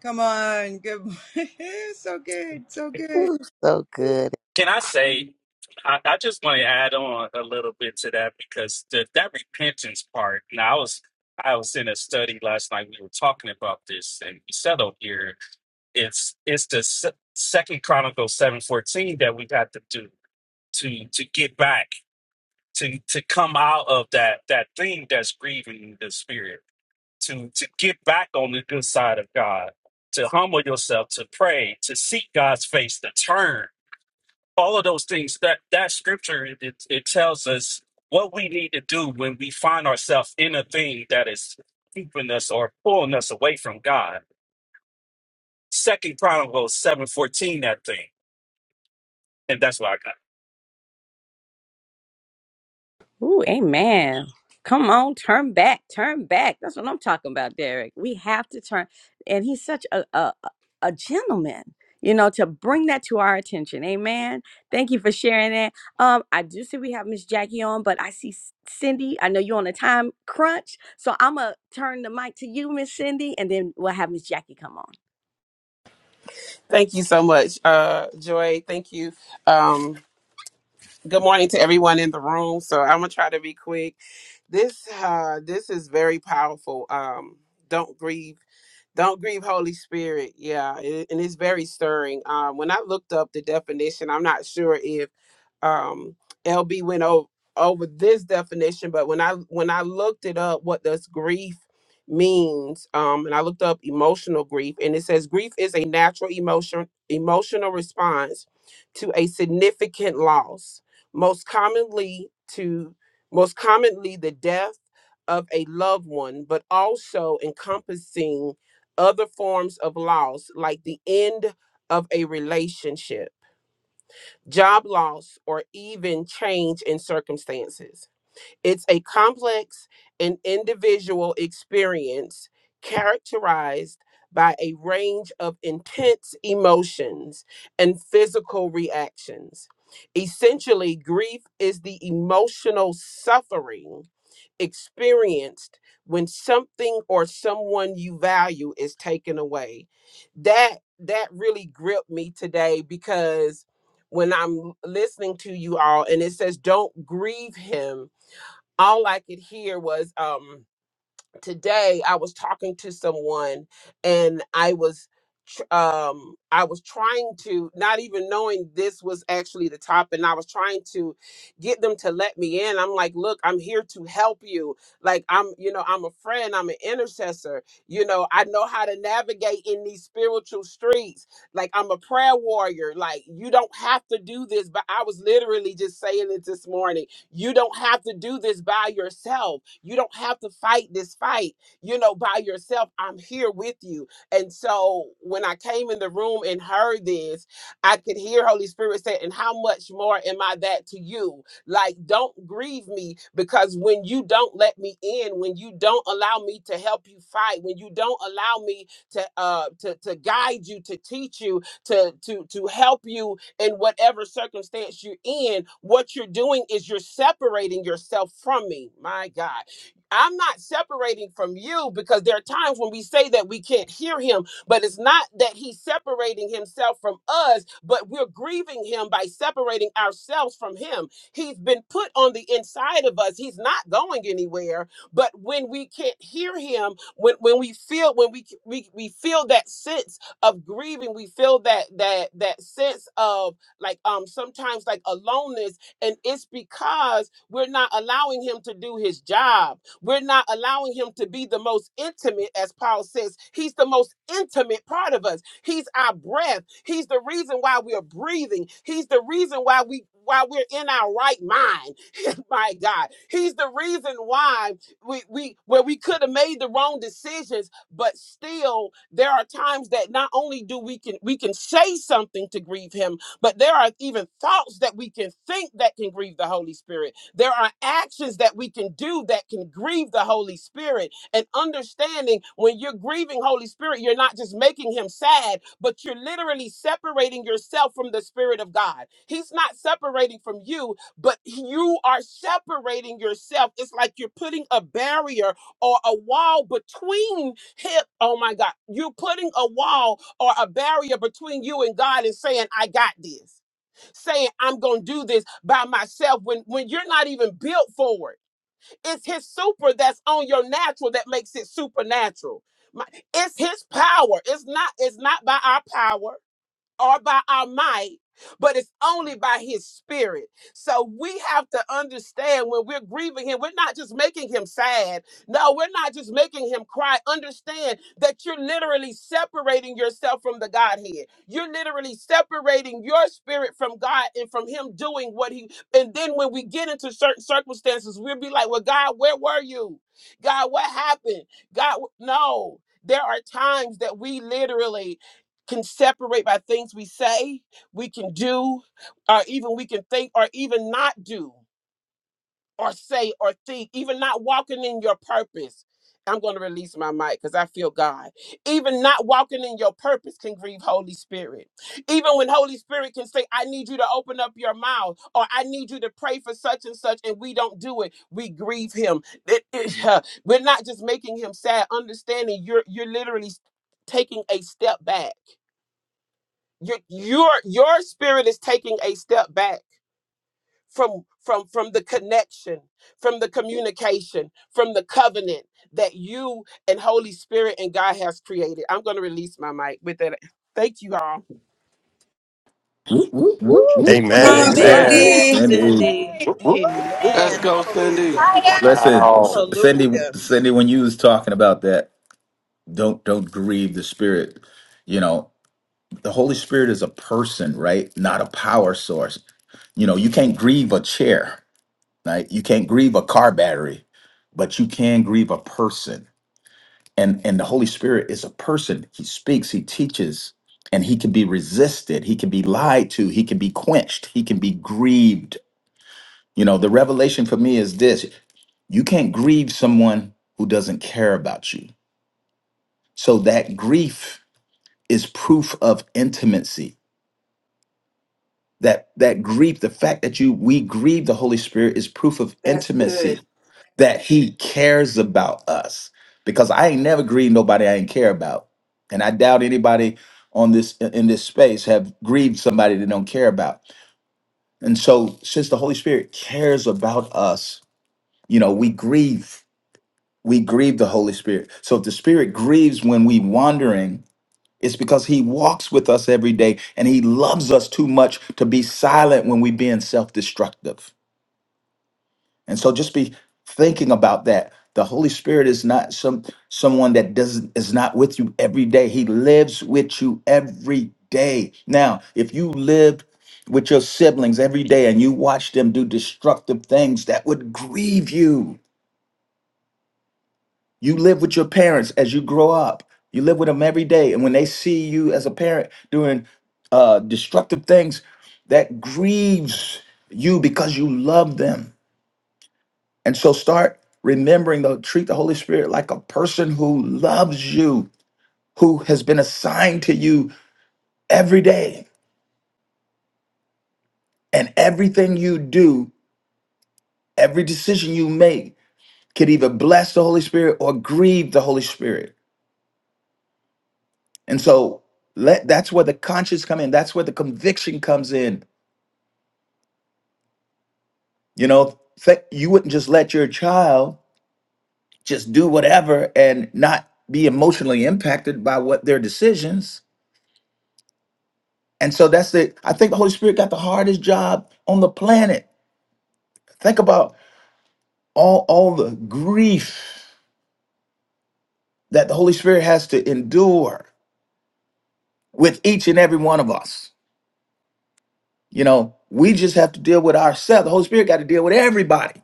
Come on. Good morning. so good. So good. Ooh, so good. Can I say, I, I just want to add on a little bit to that because the, that repentance part. Now, I was I was in a study last night. We were talking about this, and we settled here. It's it's the se- Second Chronicles seven fourteen that we got to do to to get back to to come out of that that thing that's grieving the spirit to to get back on the good side of God to humble yourself to pray to seek God's face to turn all of those things that that scripture it, it, it tells us what we need to do when we find ourselves in a thing that is keeping us or pulling us away from god second chronicles 7.14 that thing and that's what i got Ooh, amen. Come on, turn back, turn back. That's what I'm talking about, Derek. We have to turn. And he's such a a, a gentleman, you know, to bring that to our attention. Amen. Thank you for sharing that. Um, I do see we have Miss Jackie on, but I see C- Cindy. I know you're on a time crunch, so I'm gonna turn the mic to you, Miss Cindy, and then we'll have Miss Jackie come on. Thank you so much, uh, Joy. Thank you. Um, good morning to everyone in the room. So I'm gonna try to be quick. This uh, this is very powerful. Um, don't grieve. Don't grieve, Holy Spirit. Yeah, it, and it's very stirring. Um, when I looked up the definition, I'm not sure if um, LB went over over this definition, but when I when I looked it up, what does grief means? Um, and I looked up emotional grief, and it says grief is a natural emotion emotional response to a significant loss, most commonly to most commonly the death of a loved one, but also encompassing other forms of loss, like the end of a relationship, job loss, or even change in circumstances. It's a complex and individual experience characterized by a range of intense emotions and physical reactions. Essentially, grief is the emotional suffering experienced when something or someone you value is taken away that that really gripped me today because when i'm listening to you all and it says don't grieve him all i could hear was um today I was talking to someone and I was tr- um I was trying to not even knowing this was actually the topic. and I was trying to get them to let me in. I'm like, "Look, I'm here to help you. Like I'm, you know, I'm a friend, I'm an intercessor. You know, I know how to navigate in these spiritual streets. Like I'm a prayer warrior. Like you don't have to do this, but I was literally just saying it this morning you don't have to do this by yourself. You don't have to fight this fight, you know, by yourself. I'm here with you. And so when I came in the room and heard this, I could hear Holy Spirit say, And how much more am I that to you? Like, don't grieve me because when you don't let me in, when you don't allow me to help you fight, when you don't allow me to uh to, to guide you, to teach you, to to to help you in whatever circumstance you're in, what you're doing is you're separating yourself from me. My God. I'm not separating from you because there are times when we say that we can't hear him, but it's not that he's separating himself from us, but we're grieving him by separating ourselves from him. He's been put on the inside of us. He's not going anywhere, but when we can't hear him, when when we feel when we we, we feel that sense of grieving we feel that that that sense of like um sometimes like aloneness and it's because we're not allowing him to do his job we're not allowing him to be the most intimate as paul says he's the most intimate part of us he's our breath he's the reason why we're breathing he's the reason why we why we're in our right mind my god he's the reason why we we where we could have made the wrong decisions but still there are times that not only do we can we can say something to grieve him but there are even thoughts that we can think that can grieve the holy spirit there are actions that we can do that can grieve the holy spirit and understanding when you're grieving holy spirit you're not just making him sad but you're literally separating yourself from the spirit of god he's not separating from you but you are separating yourself it's like you're putting a barrier or a wall between hip. Oh my God. You're putting a wall or a barrier between you and God and saying, I got this. Saying I'm gonna do this by myself when when you're not even built for it. It's his super that's on your natural that makes it supernatural. My- it's his power. It's not, it's not by our power or by our might, but it's only by his spirit. So we have to understand when we're grieving him, we're not just making him sad. No, we're not just making him cry. Understand that you're literally separating yourself from the Godhead. You're literally separating your spirit from God and from him doing what he. And then when we get into certain circumstances, we'll be like, well, God, where were you? God, what happened? God, wh- no. There are times that we literally can separate by things we say, we can do, or even we can think, or even not do, or say, or think, even not walking in your purpose. I'm going to release my mic because I feel God. Even not walking in your purpose can grieve Holy Spirit. Even when Holy Spirit can say, I need you to open up your mouth, or I need you to pray for such and such, and we don't do it, we grieve Him. It- it- uh, we're not just making Him sad, understanding you're, you're literally taking a step back your your your spirit is taking a step back from from from the connection from the communication from the covenant that you and holy spirit and god has created i'm going to release my mic with that thank you all Whoop, whoop, whoop, Woo, whoop, Come So Amen. whoop, Amen, on, come whoop, good, on. Amen. whoop. Cindy. sis. Cindy, Cindy. Woo, woo, woo, Let's woo. Amen. go, Cindy. Hallelujah. listen, S- Wow. Cindy, Hallelujah. Cindy, when you was talking about that, don't don't grieve the Spirit. You know, the Holy Spirit is a person, right? Not a power source. You know, you can't grieve a chair, right? You can't grieve a car battery, but you can grieve a person and and the holy spirit is a person he speaks he teaches and he can be resisted he can be lied to he can be quenched he can be grieved you know the revelation for me is this you can't grieve someone who doesn't care about you so that grief is proof of intimacy that that grief the fact that you we grieve the holy spirit is proof of That's good. intimacy that he cares about us because i ain't never grieved nobody i ain't care about and i doubt anybody on this in this space have grieved somebody they don't care about and so since the holy spirit cares about us you know we grieve we grieve the holy spirit so if the spirit grieves when we wandering it's because he walks with us every day and he loves us too much to be silent when we're being self destructive. And so just be thinking about that. The Holy Spirit is not some someone that doesn't is not with you every day. He lives with you every day. Now, if you lived with your siblings every day and you watched them do destructive things, that would grieve you. You live with your parents as you grow up. You live with them every day. And when they see you as a parent doing uh, destructive things, that grieves you because you love them. And so start remembering to treat the Holy Spirit like a person who loves you, who has been assigned to you every day. And everything you do, every decision you make, could either bless the Holy Spirit or grieve the Holy Spirit. And so let that's where the conscience come in. That's where the conviction comes in. You know, th- you wouldn't just let your child just do whatever and not be emotionally impacted by what their decisions. And so that's the I think the Holy Spirit got the hardest job on the planet. Think about all all the grief that the Holy Spirit has to endure with each and every one of us. You know, we just have to deal with ourselves. The Holy Spirit got to deal with everybody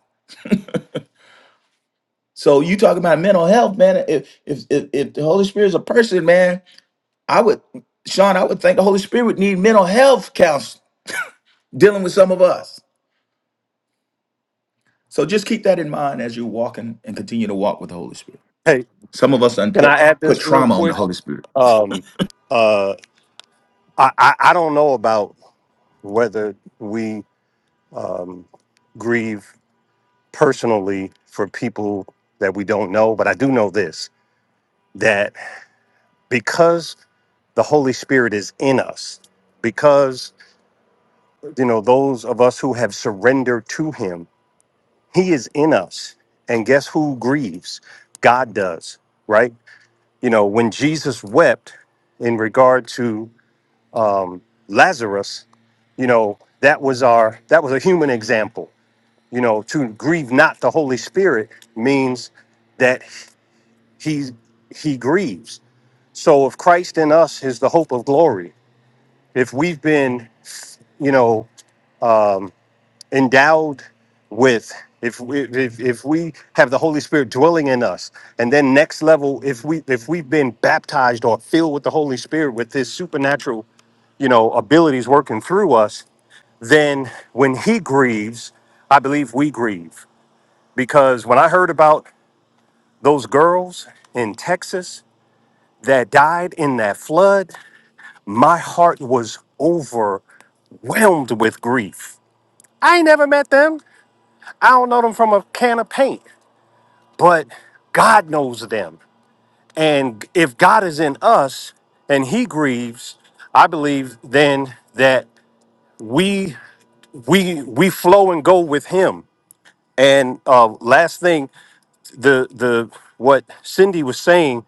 So you talking about mental health, man? If if if, if the Holy Spirit is a person, man, I would, Sean, I would think the Holy Spirit would need mental health counsel dealing with some of us. So just keep that in mind as you're walking and continue to walk with the Holy Spirit. Hey, Some of us can unput I add put this real trauma on the quick? Holy Spirit. Um, uh, I, I, I don't know about whether we um, grieve personally for people that we don't know, but I do know this that because the Holy Spirit is in us, because, you know, those of us who have surrendered to Him, He is in us. And guess who grieves? God does, right? You know, when Jesus wept in regard to um, Lazarus, you know, that was our that was a human example. You know, to grieve not the Holy Spirit means that he he grieves. So if Christ in us is the hope of glory, if we've been, you know, endowed with if we if, if we have the holy spirit dwelling in us and then next level if we if we've been baptized or filled with the holy spirit with his supernatural you know abilities working through us then when he grieves i believe we grieve because when i heard about those girls in texas that died in that flood my heart was overwhelmed with grief i ain't never met them i don't know them from a can of paint but God knows them. And if God is in us and he grieves, I believe then that we we we flow and go with him. And uh, last thing, the the what Cindy was saying,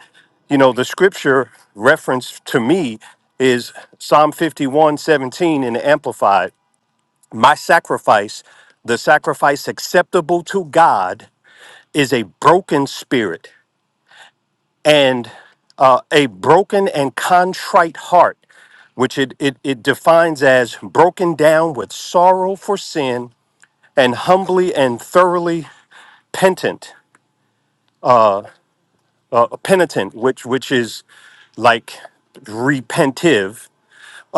you know, the scripture reference to me is Psalm 51 17 in the Amplified. My sacrifice, the sacrifice acceptable to God, is a broken spirit and uh, a broken and contrite heart, which it, it, it defines as broken down with sorrow for sin and humbly and thoroughly penitent, uh, penitent, which which is like repentive.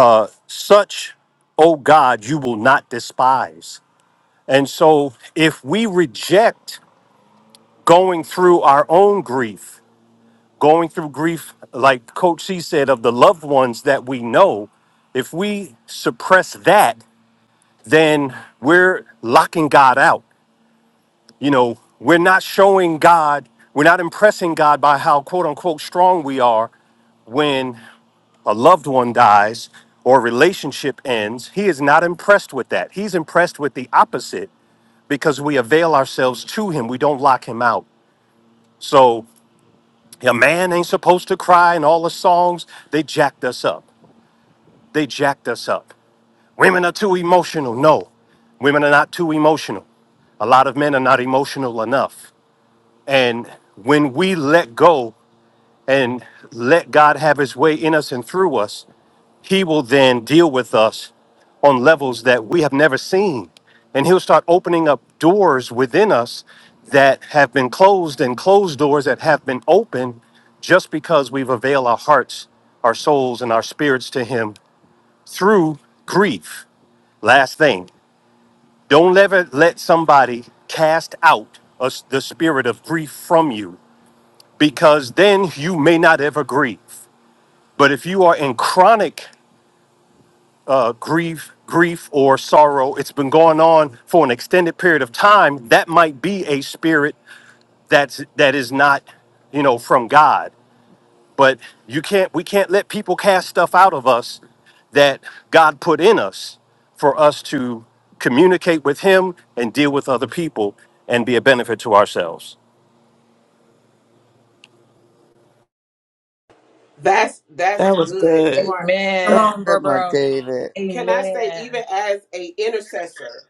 Uh, such, O God, you will not despise. And so, if we reject going through our own grief going through grief, like Coach C said, of the loved ones that we know, if we suppress that, then we're locking God out. You know, we're not showing God, we're not impressing God by how quote unquote strong we are when a loved one dies or a relationship ends. He is not impressed with that. He's impressed with the opposite because we avail ourselves to him. We don't lock him out. So a man ain't supposed to cry and all the songs, they jacked us up. They jacked us up. Women are too emotional. No, women are not too emotional. A lot of men are not emotional enough. And when we let go and let God have his way in us and through us, he will then deal with us on levels that we have never seen. And he'll start opening up doors within us that have been closed and closed doors that have been open just because we've availed our hearts, our souls, and our spirits to him through grief. Last thing, don't ever let somebody cast out us the spirit of grief from you because then you may not ever grieve. But if you are in chronic a grief, grief or sorrow, it's been going on for an extended period of time, that might be a spirit that's that is not, you know, from God. But you can't we can't let people cast stuff out of us that God put in us for us to communicate with him and deal with other people and be a benefit to ourselves. That's that's good, Mark. Come So Amen. on, good, bro, Mark bro. David. Can I say, even Amen. as a intercessor?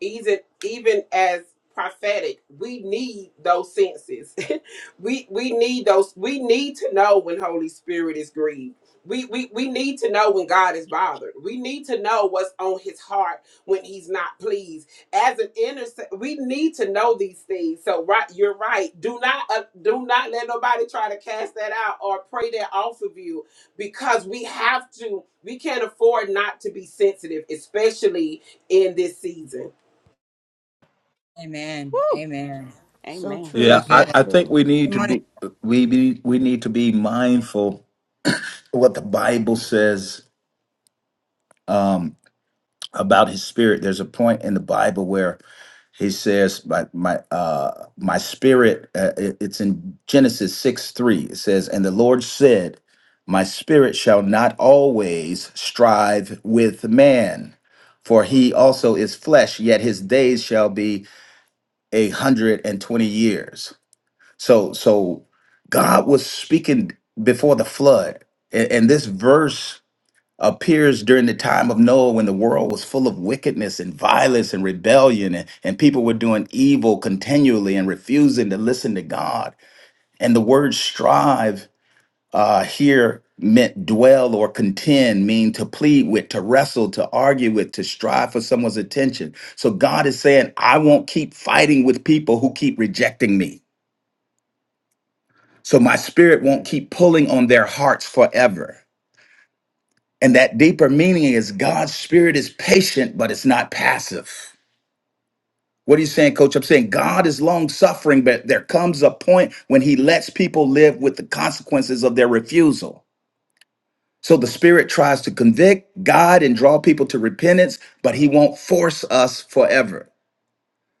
even even as prophetic we need those senses we we need those we need to know when holy spirit is grieved we, we we need to know when god is bothered we need to know what's on his heart when he's not pleased as an intercessor we need to know these things so right you're right do not uh, do not let nobody try to cast that out or pray that off of you because we have to we can't afford not to be sensitive especially in this season Amen. Woo, Amen. So amen. true, So Yeah, so good. I, I think true. we need Good to morning. be we be we need to be mindful of what the Bible says um, about His Spirit. There's a point in the Bible where he says my my uh my spirit uh, it- it's in genesis 6 3 it says and the lord said my spirit shall not always strive with man for he also is flesh yet his days shall be a hundred and twenty years so so god was speaking before the flood and, and this verse appears during the time of Noah when the world was full of wickedness and violence and rebellion, and, and people were doing evil continually and refusing to listen to God. And the word strive uh, here meant dwell or contend, mean to plead with, to wrestle, to argue with, to strive for someone's attention. So God is saying, I won't keep fighting with people who keep rejecting me. So my spirit won't keep pulling on their hearts forever. And that deeper meaning is God's spirit is patient, but it's not passive. What are you saying, coach? I'm saying God is long suffering, but there comes a point when he lets people live with the consequences of their refusal. So the spirit tries to convict, guide, and draw people to repentance, but he won't force us forever.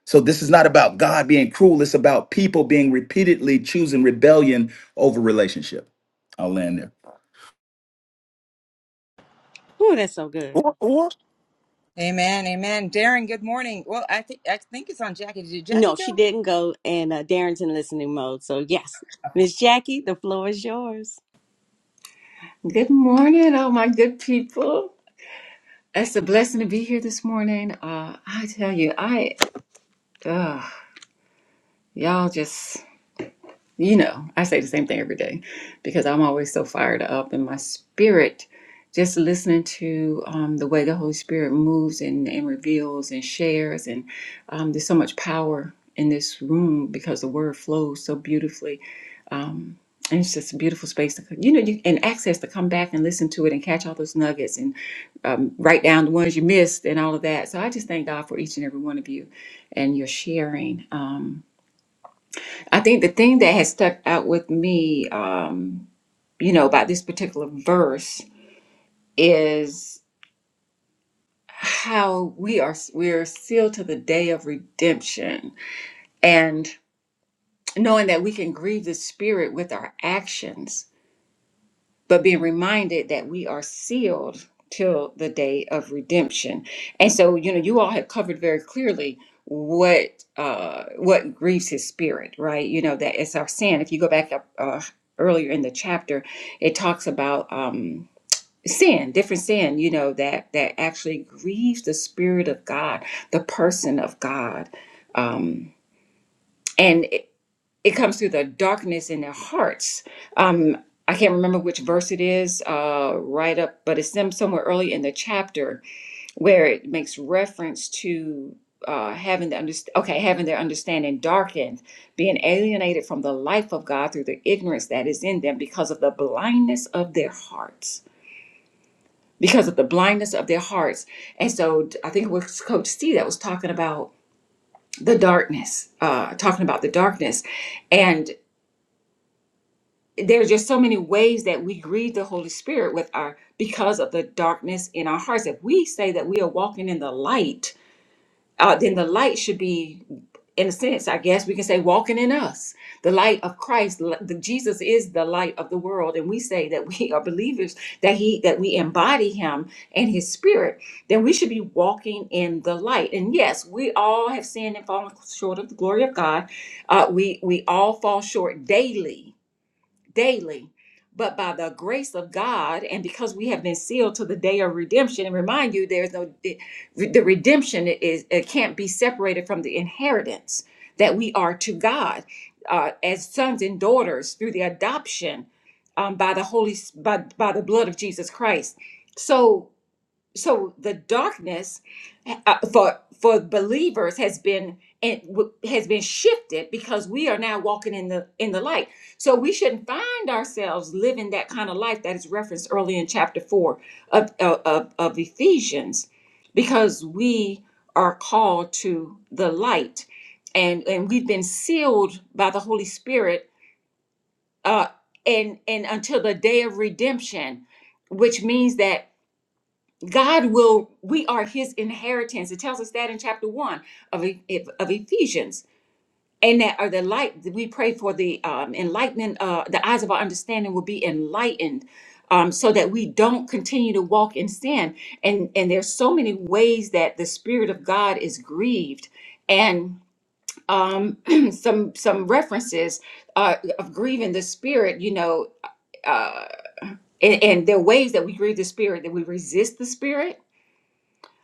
So this is not about God being cruel, it's about people being repeatedly choosing rebellion over relationship. I'll land there. Woo, that's so good. Or, or Amen. Amen. Darren, good morning. Well, I think I think it's on Jackie. Did Jackie No, she go? didn't go, and uh, Darren's in listening mode. So, yes, Miss Jackie, the floor is yours. Good morning, all my good people. It's a blessing to be here this morning. Uh, I tell you, I, uh, y'all just You know, I say the same thing every day because I'm always so fired up in my spirit just listening to um, the way the Holy Spirit moves and, and reveals and shares. And um, there's so much power in this room because the word flows so beautifully. Um, and it's just a beautiful space to, you know, you, and access to come back and listen to it and catch all those nuggets and um, write down the ones you missed and all of that. So I just thank God for each and every one of you and your sharing. Um, I think the thing that has stuck out with me, um, you know, about this particular verse is how we are we are sealed to the day of redemption, and knowing that we can grieve the Spirit with our actions but being reminded that we are sealed till the day of redemption. And so, you know, you all have covered very clearly what uh what grieves his spirit right you know that it's our sin if you go back up uh, earlier in the chapter it talks about um sin different sin you know that that actually grieves the spirit of god the person of god um and it comes through the darkness in their hearts. Um, I can't remember which verse it is uh, right up, but it's them somewhere early in the chapter where it makes reference to uh, having the underst- okay having their understanding darkened, being alienated from the life of God through the ignorance that is in them because of the blindness of their hearts. Because of the blindness of their hearts, and so I think it was Coach C that was talking about the darkness, uh, talking about the darkness, and there's just so many ways that we grieve the Holy Spirit with our because of the darkness in our hearts. If we say that we are walking in the light, uh, then the light should be, in a sense, I guess we can say, walking in us. The light of Christ, li- the, Jesus is the light of the world, and we say that we are believers, that He that we embody Him and His Spirit. Then we should be walking in the light. And yes, we all have sinned and fallen short of the glory of God. Uh, we we all fall short daily daily. But by the grace of God, and because we have been sealed to the day of redemption, and remind you, there's no the the redemption is it can't be separated from the inheritance that we are to God uh, as sons and daughters through the adoption um, by the Holy by by the blood of Jesus Christ. So so the darkness uh, for for believers has been and w- has been shifted because we are now walking in the in the light so we shouldn't find ourselves living that kind of life that is referenced early in chapter 4 of of, of of ephesians because we are called to the light and and we've been sealed by the holy spirit uh and and until the day of redemption which means that God will, we are his inheritance. It tells us that in chapter one of, E- of Ephesians. And that are the light that we pray for the um, enlightenment, uh, the eyes of our understanding will be enlightened um, so that we don't continue to walk in sin. And, and there's so many ways that the spirit of God is grieved. And um, some, some references uh, of grieving the spirit, you know, uh, and, and there are ways that we grieve the spirit, that we resist the spirit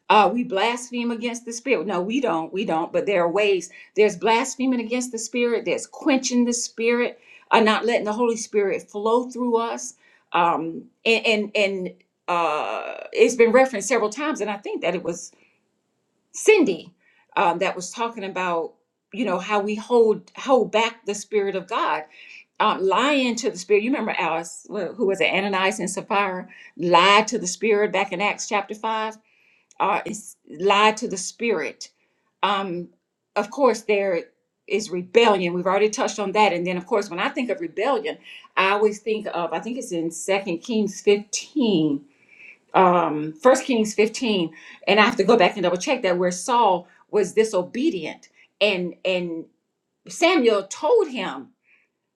uh, we blaspheme against the spirit. No, we don't. We don't. But there are ways. There's blaspheming against the spirit. There's quenching the spirit. Uh, not letting the Holy Spirit flow through us. Um, and and, and uh, it's been referenced several times, and I think that it was Cindy um, that was talking about you know how we hold hold back the spirit of God, um, lying to the spirit. You remember Alice, wh- who was it, Ananias and Sapphira, lied to the spirit back in Acts chapter five uh, is lied to the spirit. Um, of course, there is rebellion. We've already touched on that, and then of course, when I think of rebellion, I always think of I think it's in Second Kings fifteen, um, First Kings fifteen, and I have to go back and double check that where Saul was disobedient, and and Samuel told him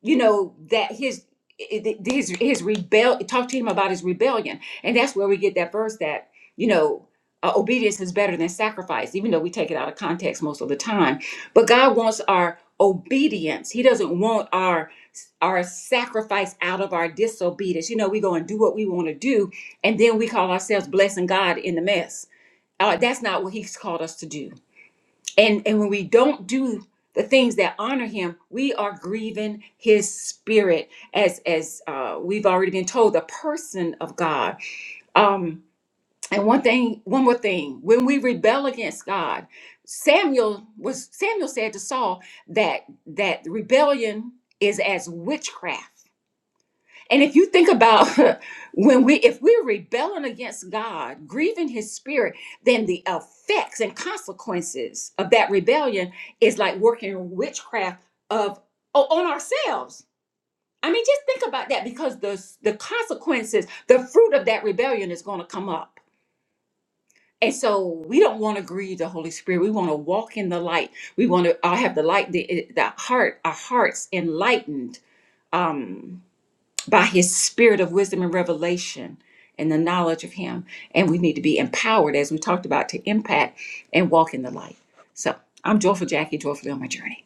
you know that his his his rebel talk to him about his rebellion and that's where we get that verse that you know uh, obedience is better than sacrifice even though we take it out of context most of the time but god wants our obedience he doesn't want our our sacrifice out of our disobedience you know we go and do what we want to do and then we call ourselves blessing god in the mess uh, that's not what he's called us to do and and when we don't do the things that honor him we are grieving his spirit as as uh, we've already been told the person of god um and one thing one more thing when we rebel against god samuel was samuel said to saul that that rebellion is as witchcraft and if you think about when we if we're rebelling against God, grieving his spirit, then the effects and consequences of that rebellion is like working witchcraft of o- on ourselves. I mean, just think about that because the the consequences, the fruit of that rebellion is going to come up. And so we don't want to grieve the Holy Spirit. We want to walk in the light. We want to uh, have the light, the, eh, the heart, our hearts enlightened Um by his spirit of wisdom and revelation and the knowledge of him. And we need to be empowered, as we talked about, to impact and walk in the light. So I'm joyful, Jackie, joyfully on my journey.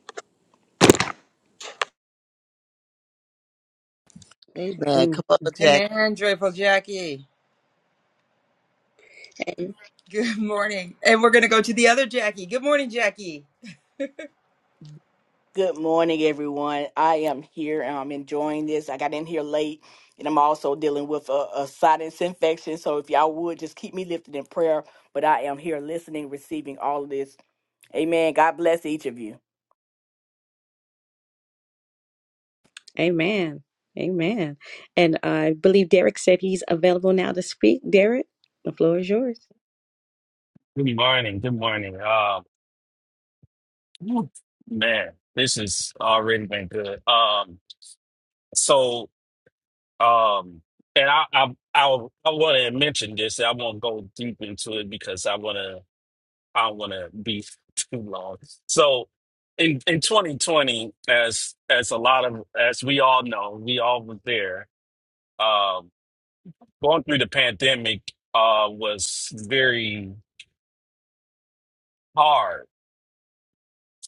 Amen. Come Amen. on, Jackie. Amen. Joyful Jackie. Good morning. And we're gonna go to the other Jackie. Good morning, Jackie. Good morning, everyone. I am here and I'm enjoying this. I got in here late and I'm also dealing with a, a sinus infection. So if y'all would just keep me lifted in prayer, but I am here listening, receiving all of this. Amen. God bless each of you. Amen. Amen. And I believe Derek said he's available now to speak. Derek, the floor is yours. good morning good morning um man this has already been good um so Um, and I I I, I want to mention this. I won't go deep into it because I want to I don't want to be too long. So in in 2020, as as a lot of as we all know, we all were there. Um, going through the pandemic uh was very hard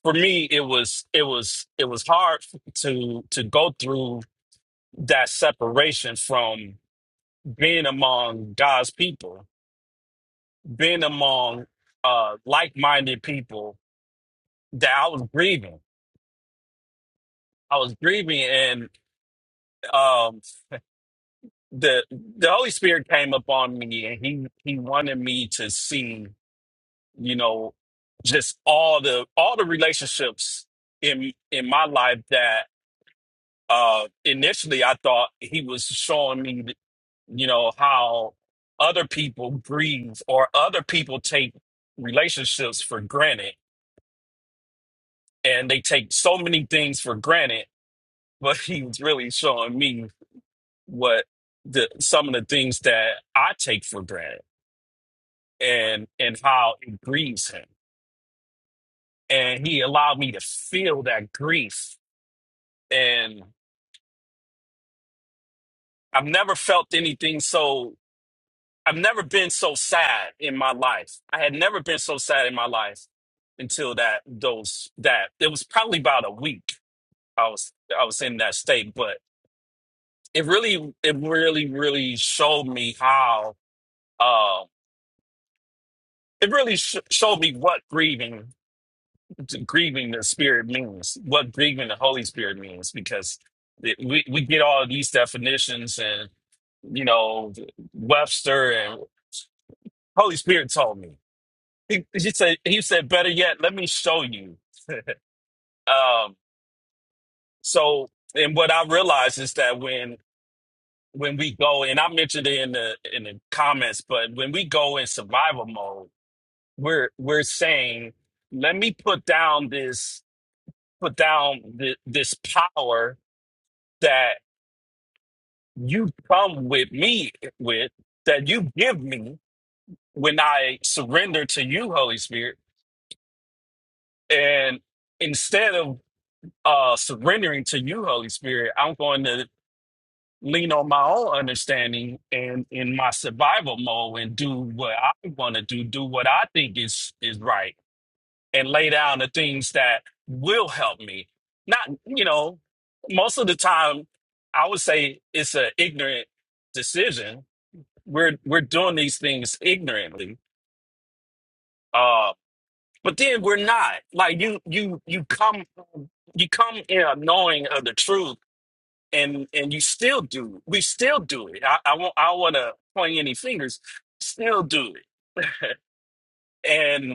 for me. It was it was it was hard to to go through that separation from being among God's people being among uh like-minded people that I was grieving. I was grieving and um the the Holy Spirit came upon me and he he wanted me to see, you know, just all the all the relationships in in my life that uh initially I thought he was showing me, you know, how other people grieve or other people take relationships for granted and they take so many things for granted but he was really showing me what the some of the things that I take for granted and and how it grieves him. And he allowed me to feel that grief. And I've never felt anything so I've never been so sad in my life. I had never been so sad in my life until that those that it was probably about a week I was I was in that state, but it really it really really showed me how uh, it really sh- showed me what grieving grieving the spirit means what grieving the holy spirit means because it, we, we get all of these definitions and you know webster and holy spirit told me he, he said he said better yet let me show you um so and what i realized is that when when we go and i mentioned it in the in the comments but when we go in survival mode we're we're saying let me put down this put down th- this power that you come with me with, that you give me when I surrender to you, Holy Spirit. And instead of uh, surrendering to you, Holy Spirit, I'm going to lean on my own understanding and in my survival mode and do what I want to do, do what I think is is right and lay down the things that will help me. Not, you know, most of the time, I would say it's an ignorant decision. We're we're doing these things ignorantly, uh, but then we're not. Like you, you, you come, you come in a knowing of the truth, and and you still do. We still do it. I, I won't. I want to point any fingers. Still do it, and.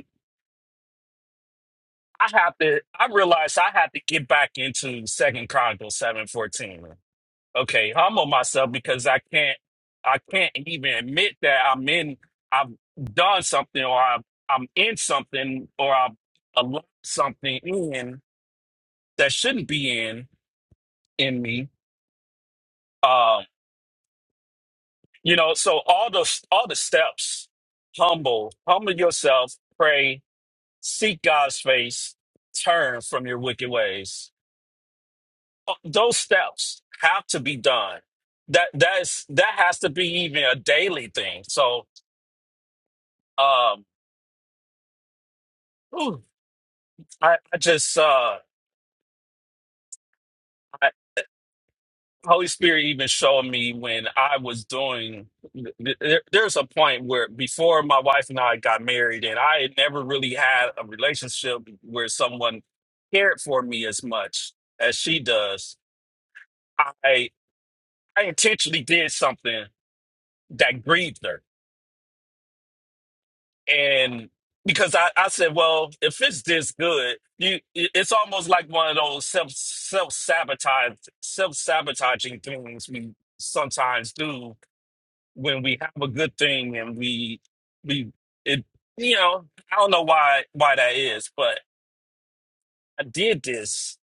I have to. I realized I have to get back into Second Chronicles seven fourteen. Okay, humble myself because I can't. I can't even admit that I'm in. I've done something, or I'm, I'm in something, or I've allowed something in that shouldn't be in in me. Um, you know. So all the all the steps: humble, humble yourself, pray, seek God's face, turn from your wicked ways those steps have to be done. That that is that has to be even a daily thing. So um ooh, I, I just uh I, Holy Spirit even showed me when I was doing th- th- there, there's a point where before my wife and I got married and I had never really had a relationship where someone cared for me as much as she does. I I intentionally did something that grieved her and because I, I said, well, if it's this good, you it- it's almost like one of those self self sabotage self sabotaging things we sometimes do when we have a good thing and we we it you know I don't know why why that is, but I did this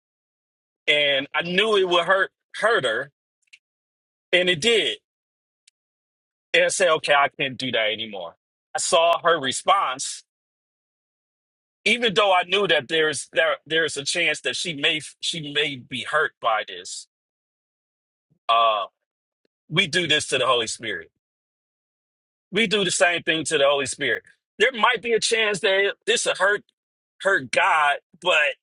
and I knew it would hurt hurt her, and it did, and I said, okay, I can't do that anymore. I saw her response even though I knew that there's there there's a chance that she may she may be hurt by this, uh, we do this to the Holy Spirit. We do the same thing to the Holy Spirit. There might be a chance that this will hurt hurt God, but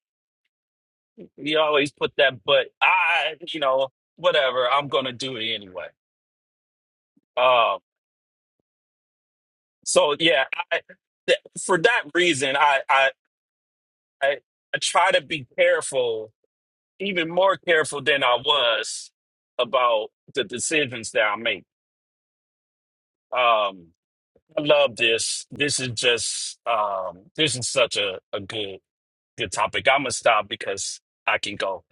we always put that but I, you know, whatever, I'm gonna do it anyway. Um, so yeah, I, th- for that reason, I, I I I try to be careful even more careful than I was about the decisions that I make. Um, I love this. This is just um, this is such a, a good good topic. I'm gonna stop because I can go.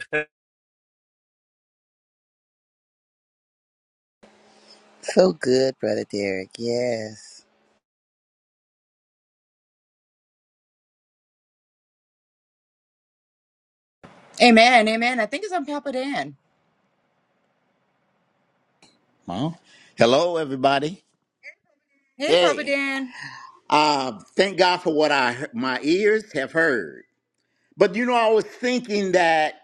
So good, Brother Derek. Yes. Amen. Amen. I think it's on Papa Dan. Well, hello everybody. Hey, Papa Hey, Dan. uh, thank God for what I my ears have heard. But you know, I was thinking that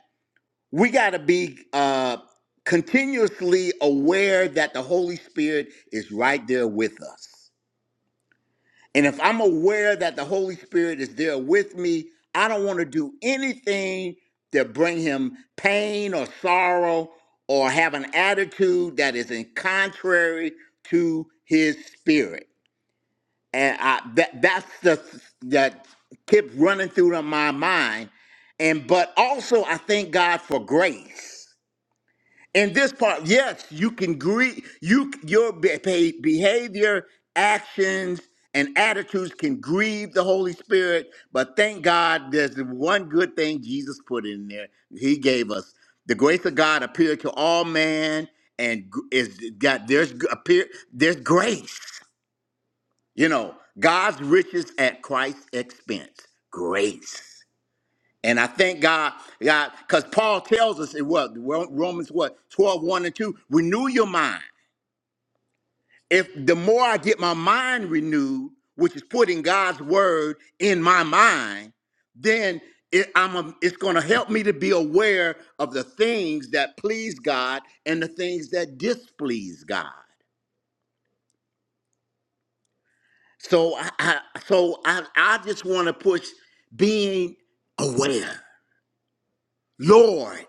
we got to be uh, continuously aware that the Holy Spirit is right there with us. And if I'm aware that the Holy Spirit is there with me, I don't want to do anything that bring him pain or sorrow or have an attitude that is in contrary to his spirit. and I that that's the that kept running through my mind. And but also I thank God for grace. In this part, yes, you can grieve. You your be- be- behavior, actions, and attitudes can grieve the Holy Spirit. But thank God, there's the one good thing Jesus put in there. He gave us the grace of God appeared to all man, and gr- is got there's g- appear there's grace you know, God's riches at Christ's expense, grace. And I thank God, God, because Paul tells us in what Romans what twelve one and 2, renew your mind. If the more I get my mind renewed, which is putting God's word in my mind, then it, I'm a, it's going to help me to be aware of the things that please God and the things that displease God. So I, I so I I just want to push being aware. Lord,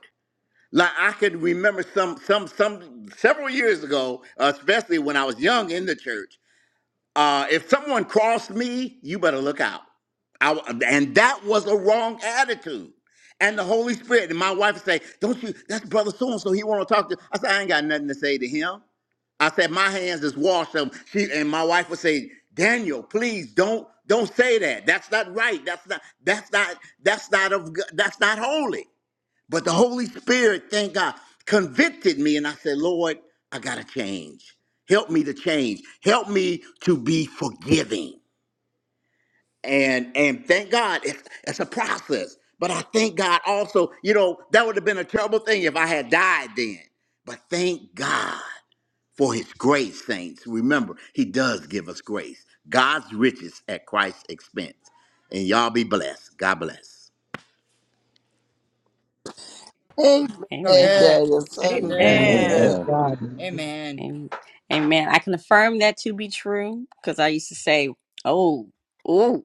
like I can remember some some some several years ago, especially when I was young in the church. Uh, if someone crossed me, you better look out. I, and that was a wrong attitude. And the Holy Spirit and my wife would say, "Don't you? That's brother so and so. He want to talk to." I said, "I ain't got nothing to say to him." I said, my hands is washed. Um, she and my wife would say, Daniel, please don't don't say that. That's not right. That's not that's not that's not of Go- that's not holy. But the Holy Spirit, thank God, convicted me, and I said, Lord, I gotta change. Help me to change. Help me to be forgiving. And and thank God, it's it's a process. But I thank God also, you know, that would have been a terrible thing if I had died then. But thank God for his grace, saints. Remember, he does give us grace. God's riches at Christ's expense. And y'all be blessed. God bless. Amen, So Amen. good. Daniel. So So Amen. good. Amen. Amen. Praise good. Amen. God. Amen. Amen. Amen. I can affirm that to be true because I used to say, "Oh, oh,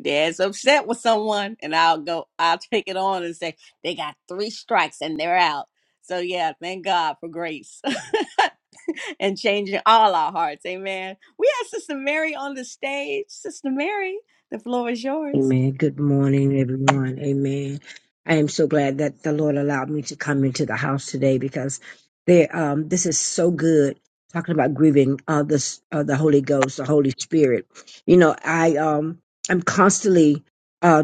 dad's upset with someone," and I'll go, I'll take it on and say, "They got three strikes and they're out." So yeah, thank God for grace and changing all our hearts. Amen. We have Sister Mary on the stage. Sister Mary, the floor is yours. Amen. Good morning, everyone. Amen. I am so glad that the Lord allowed me to come into the house today because there, um, this is so good. Talking about grieving uh, the uh, the Holy Ghost, the Holy Spirit. You know, I um, I'm constantly uh,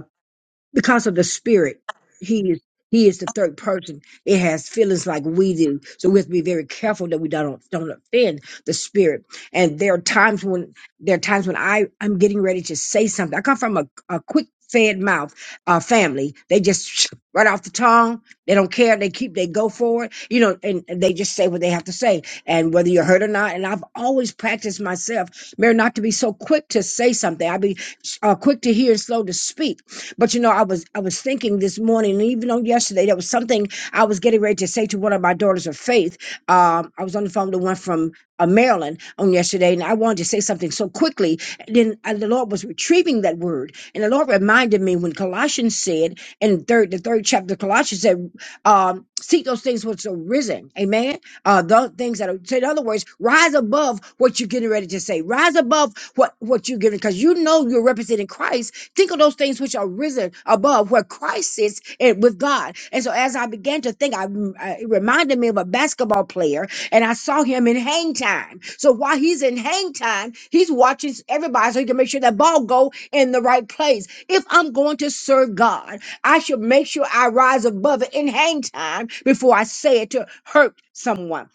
because of the spirit he is he is the third person it has feelings like we do so we have to be very careful that we don't don't offend the spirit and there are times when there are times when i i'm getting ready to say something i come from a, a quick fed mouth uh family they just right off the tongue they don't care they keep they go for it you know and, and they just say what they have to say and whether you're hurt or not and i've always practiced myself mary not to be so quick to say something i be uh, quick to hear and slow to speak but you know, I was I was thinking this morning, and even on yesterday, there was something I was getting ready to say to one of my daughters of faith. Um, I was on the phone to one from uh, Maryland on yesterday, and I wanted to say something so quickly. And then uh, the Lord was retrieving that word, and the Lord reminded me when Colossians said in third the third chapter, of Colossians said, um, "Seek those things which are risen." Amen. Uh, the things that are. So in other words, rise above what you're getting ready to say. Rise above what what you're giving, because you know you're representing Christ Think of those things which are risen above, where Christ sits and with God. And so, as I began to think, I, I- it reminded me of a basketball player, and I saw him in hang time. So while he's in hang time, he's watching everybody so he can make sure that ball go in the right place. If I'm going to serve God, I should make sure I rise above it in hang time before I say it to hurt someone.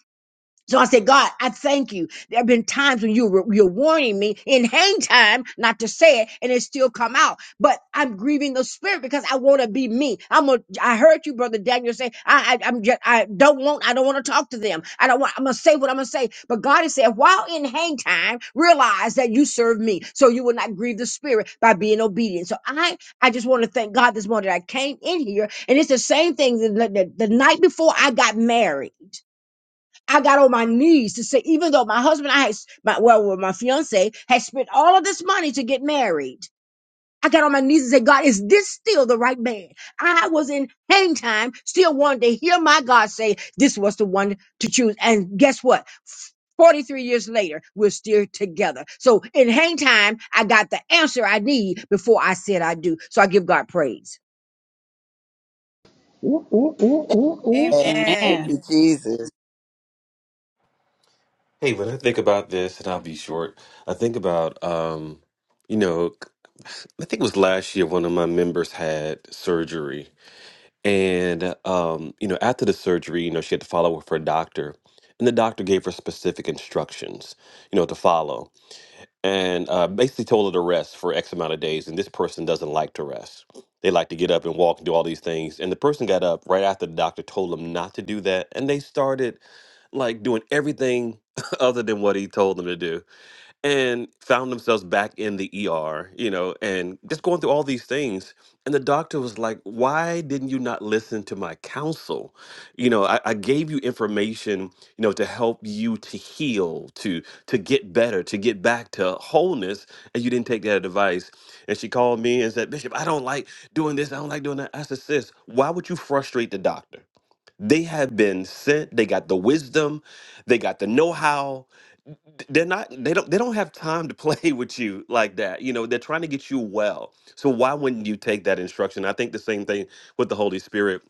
So I said, God, I thank you. There have been times when you were, you're warning me in hang time not to say it, and it still come out. But I'm grieving the spirit because I want to be me. I'm a. I heard you, brother Daniel, say, I, I, I'm just, I don't want, I don't want to talk to them. I don't want. I'm gonna say what I'm gonna say. But God has said, while in hang time, realize that you serve me, so you will not grieve the spirit by being obedient. So I, I just want to thank God this morning. that I came in here, and it's the same thing that, that the night before I got married. I got on my knees to say, even though my husband, I had, my, well, well, my fiance had spent all of this money to get married. I got on my knees and said, God, is this still the right man? I was in hang time, still wanted to hear my God say, this was the one to choose. And guess what? 43 years later, we're still together. So in hang time, I got the answer I need before I said I do. So I give God praise. Ooh, ooh, ooh, ooh, ooh. Man, Thank Amen. Amen. you, Jesus. Hey, when I think about this, and I'll be short, I think about, um, you know, I think it was last year one of my members had surgery. And, um, you know, after the surgery, you know, she had to follow up with her doctor. And the doctor gave her specific instructions, you know, to follow. and uh, basically told her to rest for X amount of days. And this person doesn't like to rest. They like to get up and walk and do all these things. And the person got up right after the doctor told them not to do that. And they started like doing everything other than what he told them to do and found themselves back in the ER, you know, and just going through all these things. And the doctor was like, Why didn't you not listen to my counsel? You know, I, I gave you information, you know, to help you to heal, to to get better, to get back to wholeness, and you didn't take that advice. And she called me and said, Bishop, I don't like doing this, I don't like doing that. I said, sis, why would you frustrate the doctor? They have been sent, they got the wisdom, they got the know-how they're not they don't they don't have time to play with you like that you know they're trying to get you well so why wouldn't you take that instruction i think the same thing with the holy spirit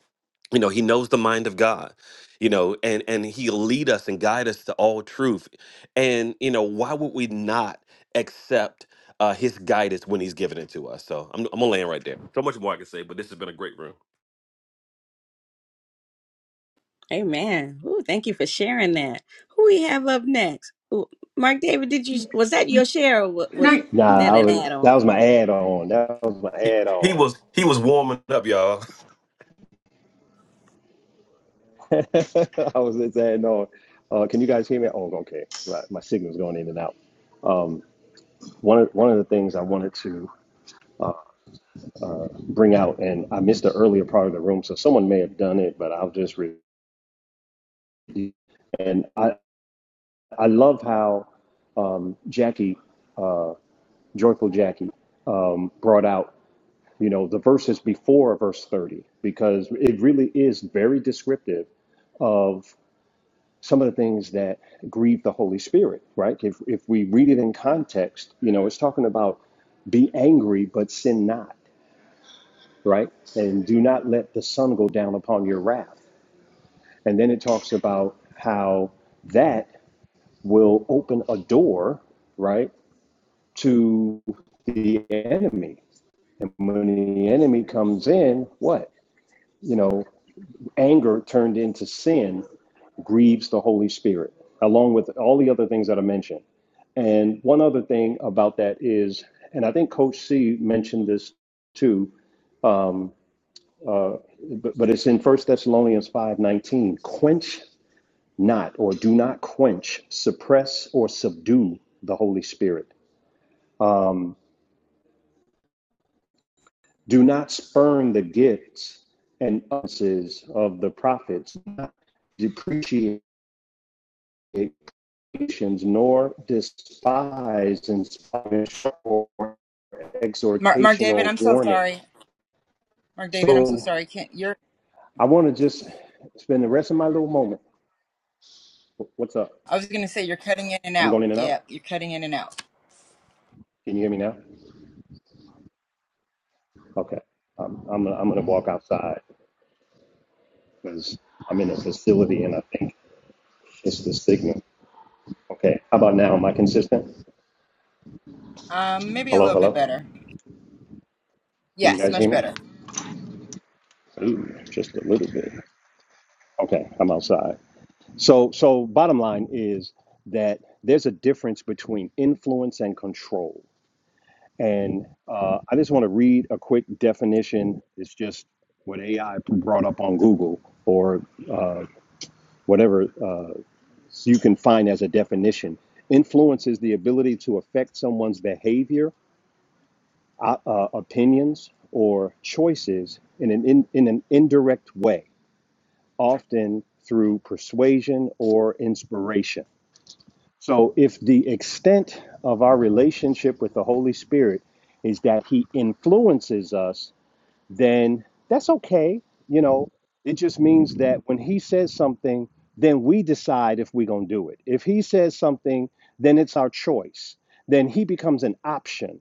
you know he knows the mind of god you know and and he'll lead us and guide us to all truth and you know why would we not accept uh his guidance when he's giving it to us so i'm, I'm gonna land right there so much more i can say but this has been a great room Amen. Ooh, thank you for sharing that. Who we have up next? Ooh, Mark David, did you was that your share or wa- was Nah, that I an was that add-on? was my add on. That was my he, add he on. was he was warming up y'all I was saying, no. Uh, can you guys hear me? Oh, okay. Right. My signal's going in and out. Um, one of one of the things I wanted to bring out, and I missed the earlier part of the room, so someone may have done it, but I'll just read. And I I love how um, Jackie, uh, joyful Jackie, um, brought out. You know the verses before verse thirty because it really is very descriptive of. some of the things that grieve the Holy Spirit, right? If, if we read it in context, you know, it's talking about be angry, but sin not, right? And do not let the sun go down upon your wrath. And then it talks about how that will open a door, right, to the enemy. And when the enemy comes in, what? You know, anger turned into sin grieves the Holy Spirit, along with all the other things that I mentioned And one other thing about that is, and I think Coach C mentioned this too, um, uh, but, but it's in First Thessalonians five nineteen. Quench not, or do not quench, suppress or subdue the Holy Spirit. Um, do not spurn the gifts and offices of the prophets. not depreciate patience, nor despise inspiration or Mark, Mark exhortation David, or I'm so warning. sorry. Mark David, I'm so So sorry. Can't you're I want to just spend the rest of my little moment. What's up? I was gonna say you're cutting in and I'm going out. in and Yeah, out. you're cutting in and out. Can you hear me now? Okay. Um, I'm gonna, I'm going to walk outside because I'm in a facility and I think it's the signal. Okay. How about now? Am I consistent? Um, maybe a Hello, little bit hello. better. Can you Yes, guys much hear me? better. Ooh, just a little bit. Okay. I'm outside. So so bottom line is that there's a difference between influence and control. And uh, I just want to read a quick definition. It's just what AI brought up on Google or uh, whatever uh, you can find as a definition. Influence is the ability to affect someone's behavior, uh, uh, opinions, or choices in an, in, in an indirect way, often through persuasion or inspiration. So, if the extent of our relationship with the Holy Spirit is that He influences us then that's okay. You know, it just means that when he says something, then we decide if we're going to do it. If he says something, then it's our choice. Then he becomes an option.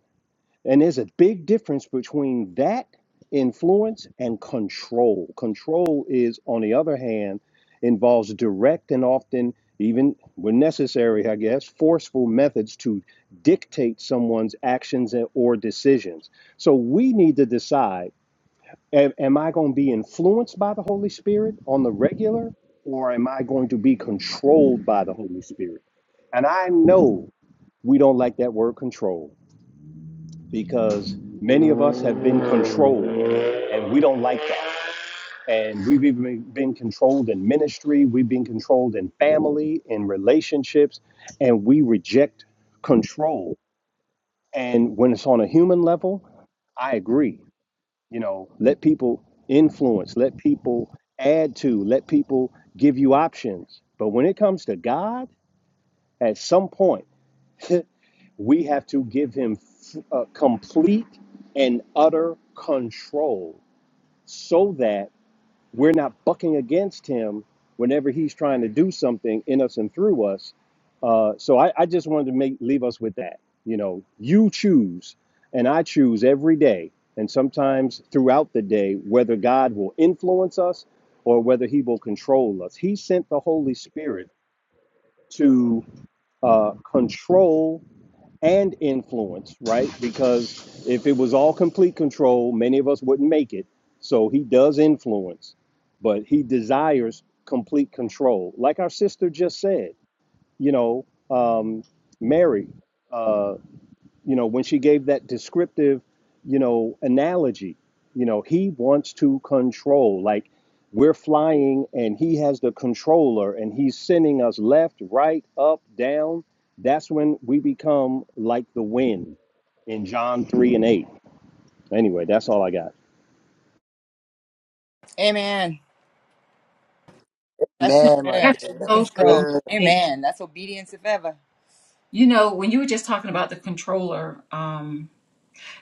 And there's a big difference between that influence and control. Control is, on the other hand, involves direct and often, even when necessary, I guess, forceful methods to dictate someone's actions and- or decisions. So we need to decide am, am I going to be influenced by the Holy Spirit on the regular, or am I going to be controlled by the Holy Spirit? And I know we don't like that word control because many of us have been controlled and we don't like that. And we've even been been controlled in ministry, we've been controlled in family, in relationships, and we reject control. And when it's on a human level, I agree. you know let people influence let people add to let people give you options but when it comes to god at some point we have to give him uh, complete and utter control so that we're not bucking against him whenever he's trying to do something in us and through us uh, so I, I just wanted to make leave us with that. You know, you choose, and I choose every day, and sometimes throughout the day, whether God will influence us or whether He will control us. He sent the Holy Spirit to uh, control and influence, right? Because if it was all complete control, many of us wouldn't make it. So He does influence, but He desires complete control, like our sister just said you know, um, Mary, uh, you know, when she gave that descriptive, you know, analogy, you know, he wants to control. Like we're flying and he has the controller and he's sending us left, right, up, down. That's when we become like the wind in John 3 and 8. Anyway, that's all I got. Amen. That's so Man, my good. That's To dear, be that was so good. controlled. good. David. Amen. That's obedience if ever. You know, when you were just talking about the controller, um,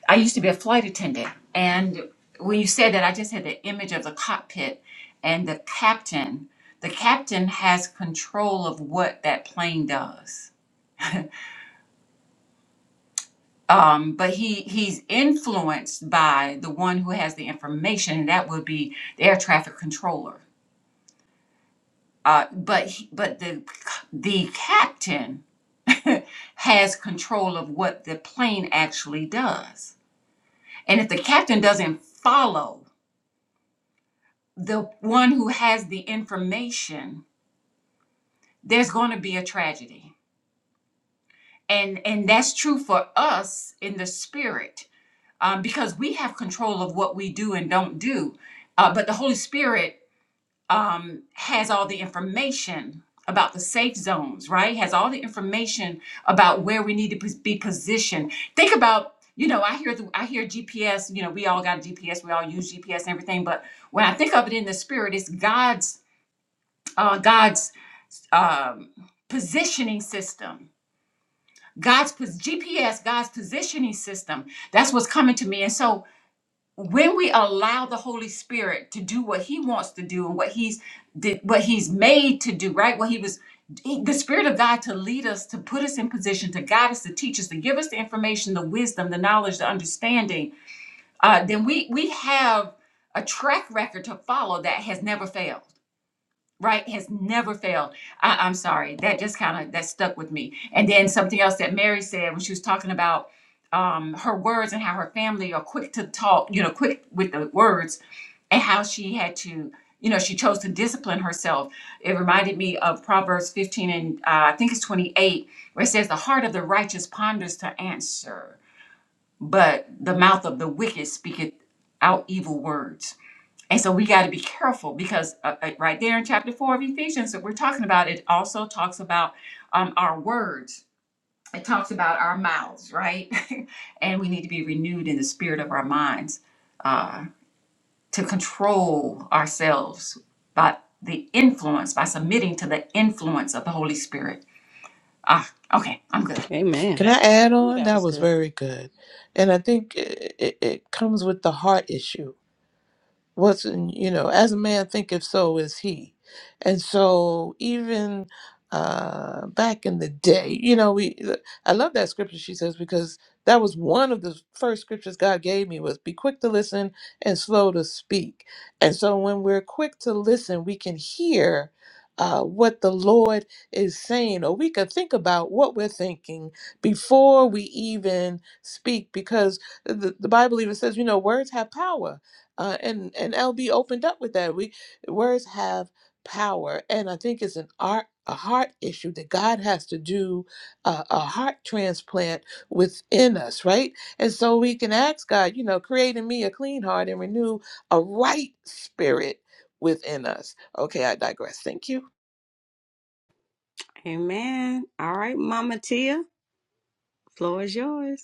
I used to be a flight attendant. And when you said that, I just had the image of the cockpit and the captain. The captain has control of what that plane does um, but he he's influenced by the one who has the information, and that would be the air traffic controller. Uh, but he, but the the captain has control of what the plane actually does, and if the captain doesn't follow the one who has the information, there's going to be a tragedy, and and that's true for us in the spirit um, because we have control of what we do and don't do. Uh, but the Holy Spirit um, has all the information about the safe zones, right? Has all the information about where we need to pos- be positioned. Think about, you know, I hear the, I hear GPS. You know, we all got GPS. We all use GPS and everything. But when I think of it in the spirit, it's God's uh, God's um, positioning system. God's pos- GPS, God's positioning system. That's what's coming to me. And so when we allow the holy spirit to do what he wants to do and what he's did what he's made to do right what he was the spirit of god to lead us to put us in position to guide us to teach us to give us the information the wisdom the knowledge the understanding uh, then we we have a track record to follow that has never failed right has never failed I, i'm sorry that just kind of that stuck with me and then something else that mary said when she was talking about um, her words and how her family are quick to talk you know quick with the words and how she had to you know she chose to discipline herself it reminded me of proverbs 15 and uh, i think it's 28 where it says the heart of the righteous ponders to answer but the mouth of the wicked speaketh out evil words and so we got to be careful because uh, uh, right there in chapter four of Ephesians that we're talking about, it also talks about um, our words. It talks about our mouths, right? and we need to be renewed in the spirit of our minds uh, to control ourselves by the influence, by submitting to the influence of the Holy Spirit. Ah, okay, I'm good. Can Amen. I add Ooh, on? that That was was good. very good. And I think it, it, it comes with the heart issue what's in you know as a man thinketh so is he and so even uh back in the day you know we i love that scripture she says because that was one of the first scriptures god gave me was be quick to listen and slow to speak and so when we're quick to listen we can hear uh, what the Lord is saying, or we can think about what we're thinking before we even speak, because uh, the, the Bible even says, you know, words have power uh, and and LB opened up with that. We words have power, and I think it's an art a heart issue that God has to do uh, a heart transplant within us, right? And so we can ask God, you know, create in me a clean heart and renew a right spirit within us. Okay, I digress. Thank you. Amen. All right, Mama Tia, floor is yours.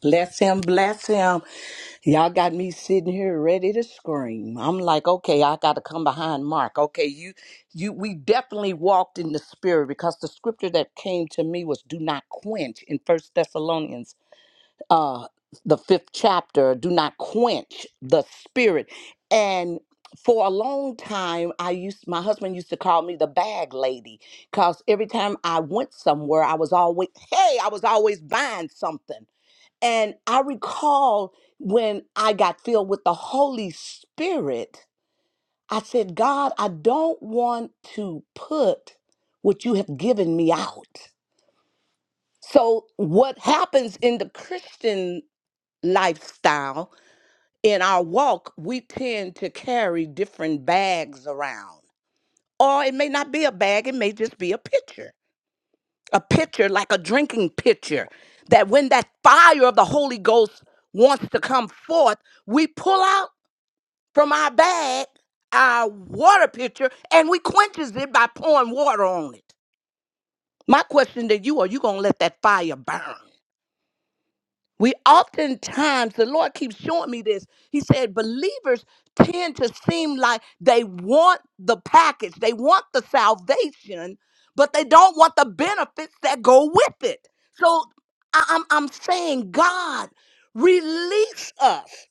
Bless him, bless him. Y'all got me sitting here ready to scream. I'm like, okay, I gotta come behind Mark. Okay, you you we definitely walked in the spirit because the scripture that came to me was do not quench in First Thessalonians uh the fifth chapter, do not quench the spirit. And for a long time I used my husband used to call me the bag lady because every time I went somewhere I was always hey, I was always buying something. And I recall when I got filled with the Holy Spirit, I said, God, I don't want to put what you have given me out. So, what happens in the Christian lifestyle, in our walk, we tend to carry different bags around. Or it may not be a bag, it may just be a picture a pitcher, like a drinking pitcher, that when that fire of the Holy Ghost wants to come forth, we pull out from our bag our water pitcher and we quenches it by pouring water on it. My question to you, are you going to let that fire burn? We oftentimes, the Lord keeps showing me this. He said, believers tend to seem like they want the package, they want the salvation, but they don't want the benefits that go with it. So I- I'm, I'm saying, God, release us.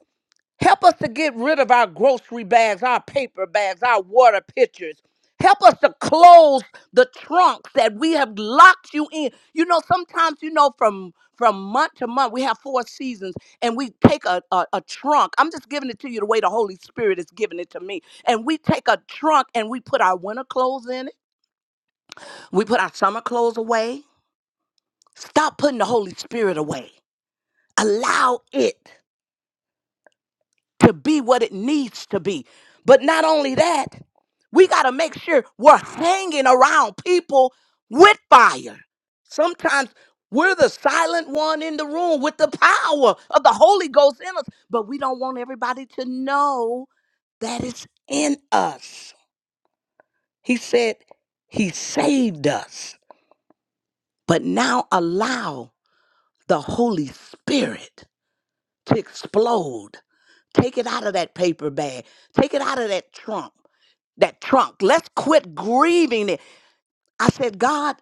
Help us to get rid of our grocery bags, our paper bags, our water pitchers. Help us to close the trunks that we have locked you in. You know, sometimes, you know, from from month to month, we have four seasons and we take a, a, a trunk. I'm just giving it to you the way the Holy Spirit is giving it to me. And we take a trunk and we put our winter clothes in it. We put our summer clothes away. Stop putting the Holy Spirit away. Allow it. to be what it needs to be. But not only that, we got to make sure we're hanging around people with fire. Sometimes we're the silent one in the room with the power of the Holy Ghost in us, but we don't want everybody to know that it's in us. He said, He saved us, but now allow the Holy Spirit to explode. Take it out of that paper bag, take it out of that trunk that trunk. Let's quit grieving it. I said, God,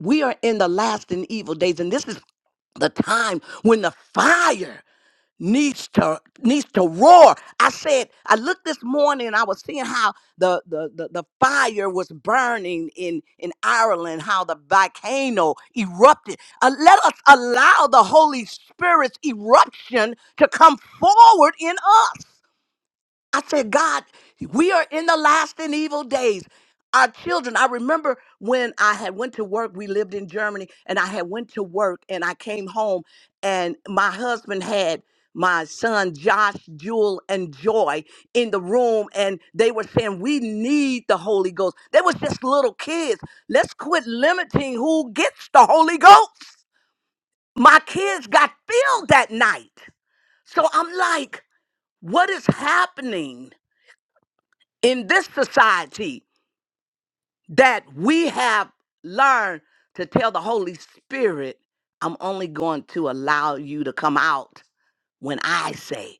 we are in the last and evil days, and this is the time when the fire needs to needs to roar. I said, I looked this morning and I was seeing how the the the, the fire was burning in in Ireland, how the volcano erupted. Uh, let us allow the Holy Spirit's eruption to come forward in us. I said, God, we are in the last and evil days. Our children, I remember when I had went to work, we lived in Germany, and I had went to work and I came home and my husband had my son Josh, Jewel, and Joy in the room, and they were saying, We need the Holy Ghost. They was just little kids. Let's quit limiting who gets the Holy Ghost. My kids got filled that night. So I'm like, what is happening? in this society that we have learned to tell the Holy Spirit, I'm only going to allow you to come out when I say,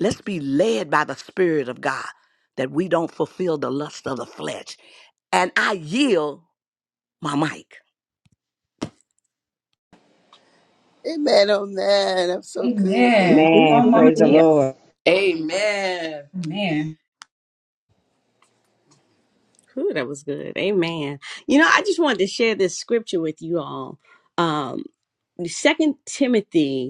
let's be led by the Spirit of God that we don't fulfill the lust of the flesh. And I yield my mic. Amen, oh man, I'm so good. Ooh, Amen. ooh, Come Man, on, ooh, Mama praise the Tia. ooh. Lord. Amen. Amen. Ooh, that was good. Amen. You know, I just wanted to share this scripture with you all. Um, Second Timothy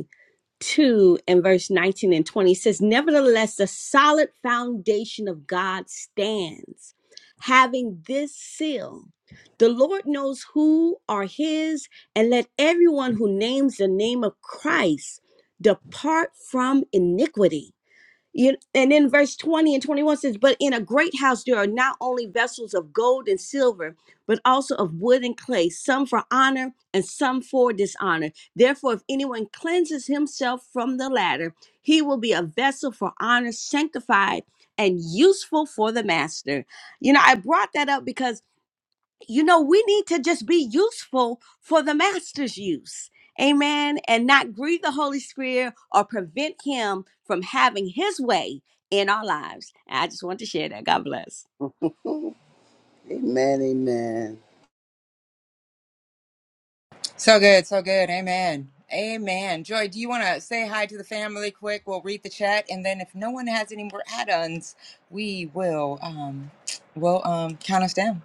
2 and verse 19 and 20 says, Nevertheless, the solid foundation of God stands, having this seal. The Lord knows who are his, and let everyone who names the name of Christ depart from iniquity. You, and then verse 20 and 21 says, But in a great house there are not only vessels of gold and silver, but also of wood and clay, some for honor and some for dishonor. Therefore, if anyone cleanses himself from the latter, he will be a vessel for honor, sanctified and useful for the master. You know, I brought that up because you know, we need to just be useful for the master's use. Amen. And not grieve the Holy Spirit or prevent him from having his way in our lives. I just want to share that. God bless. Amen, amen. So good, so good. Amen. Amen. Joy, do you want to say hi to the family quick? We'll read the chat, and then if no one has any more add-ons, we will um, will um, count us down.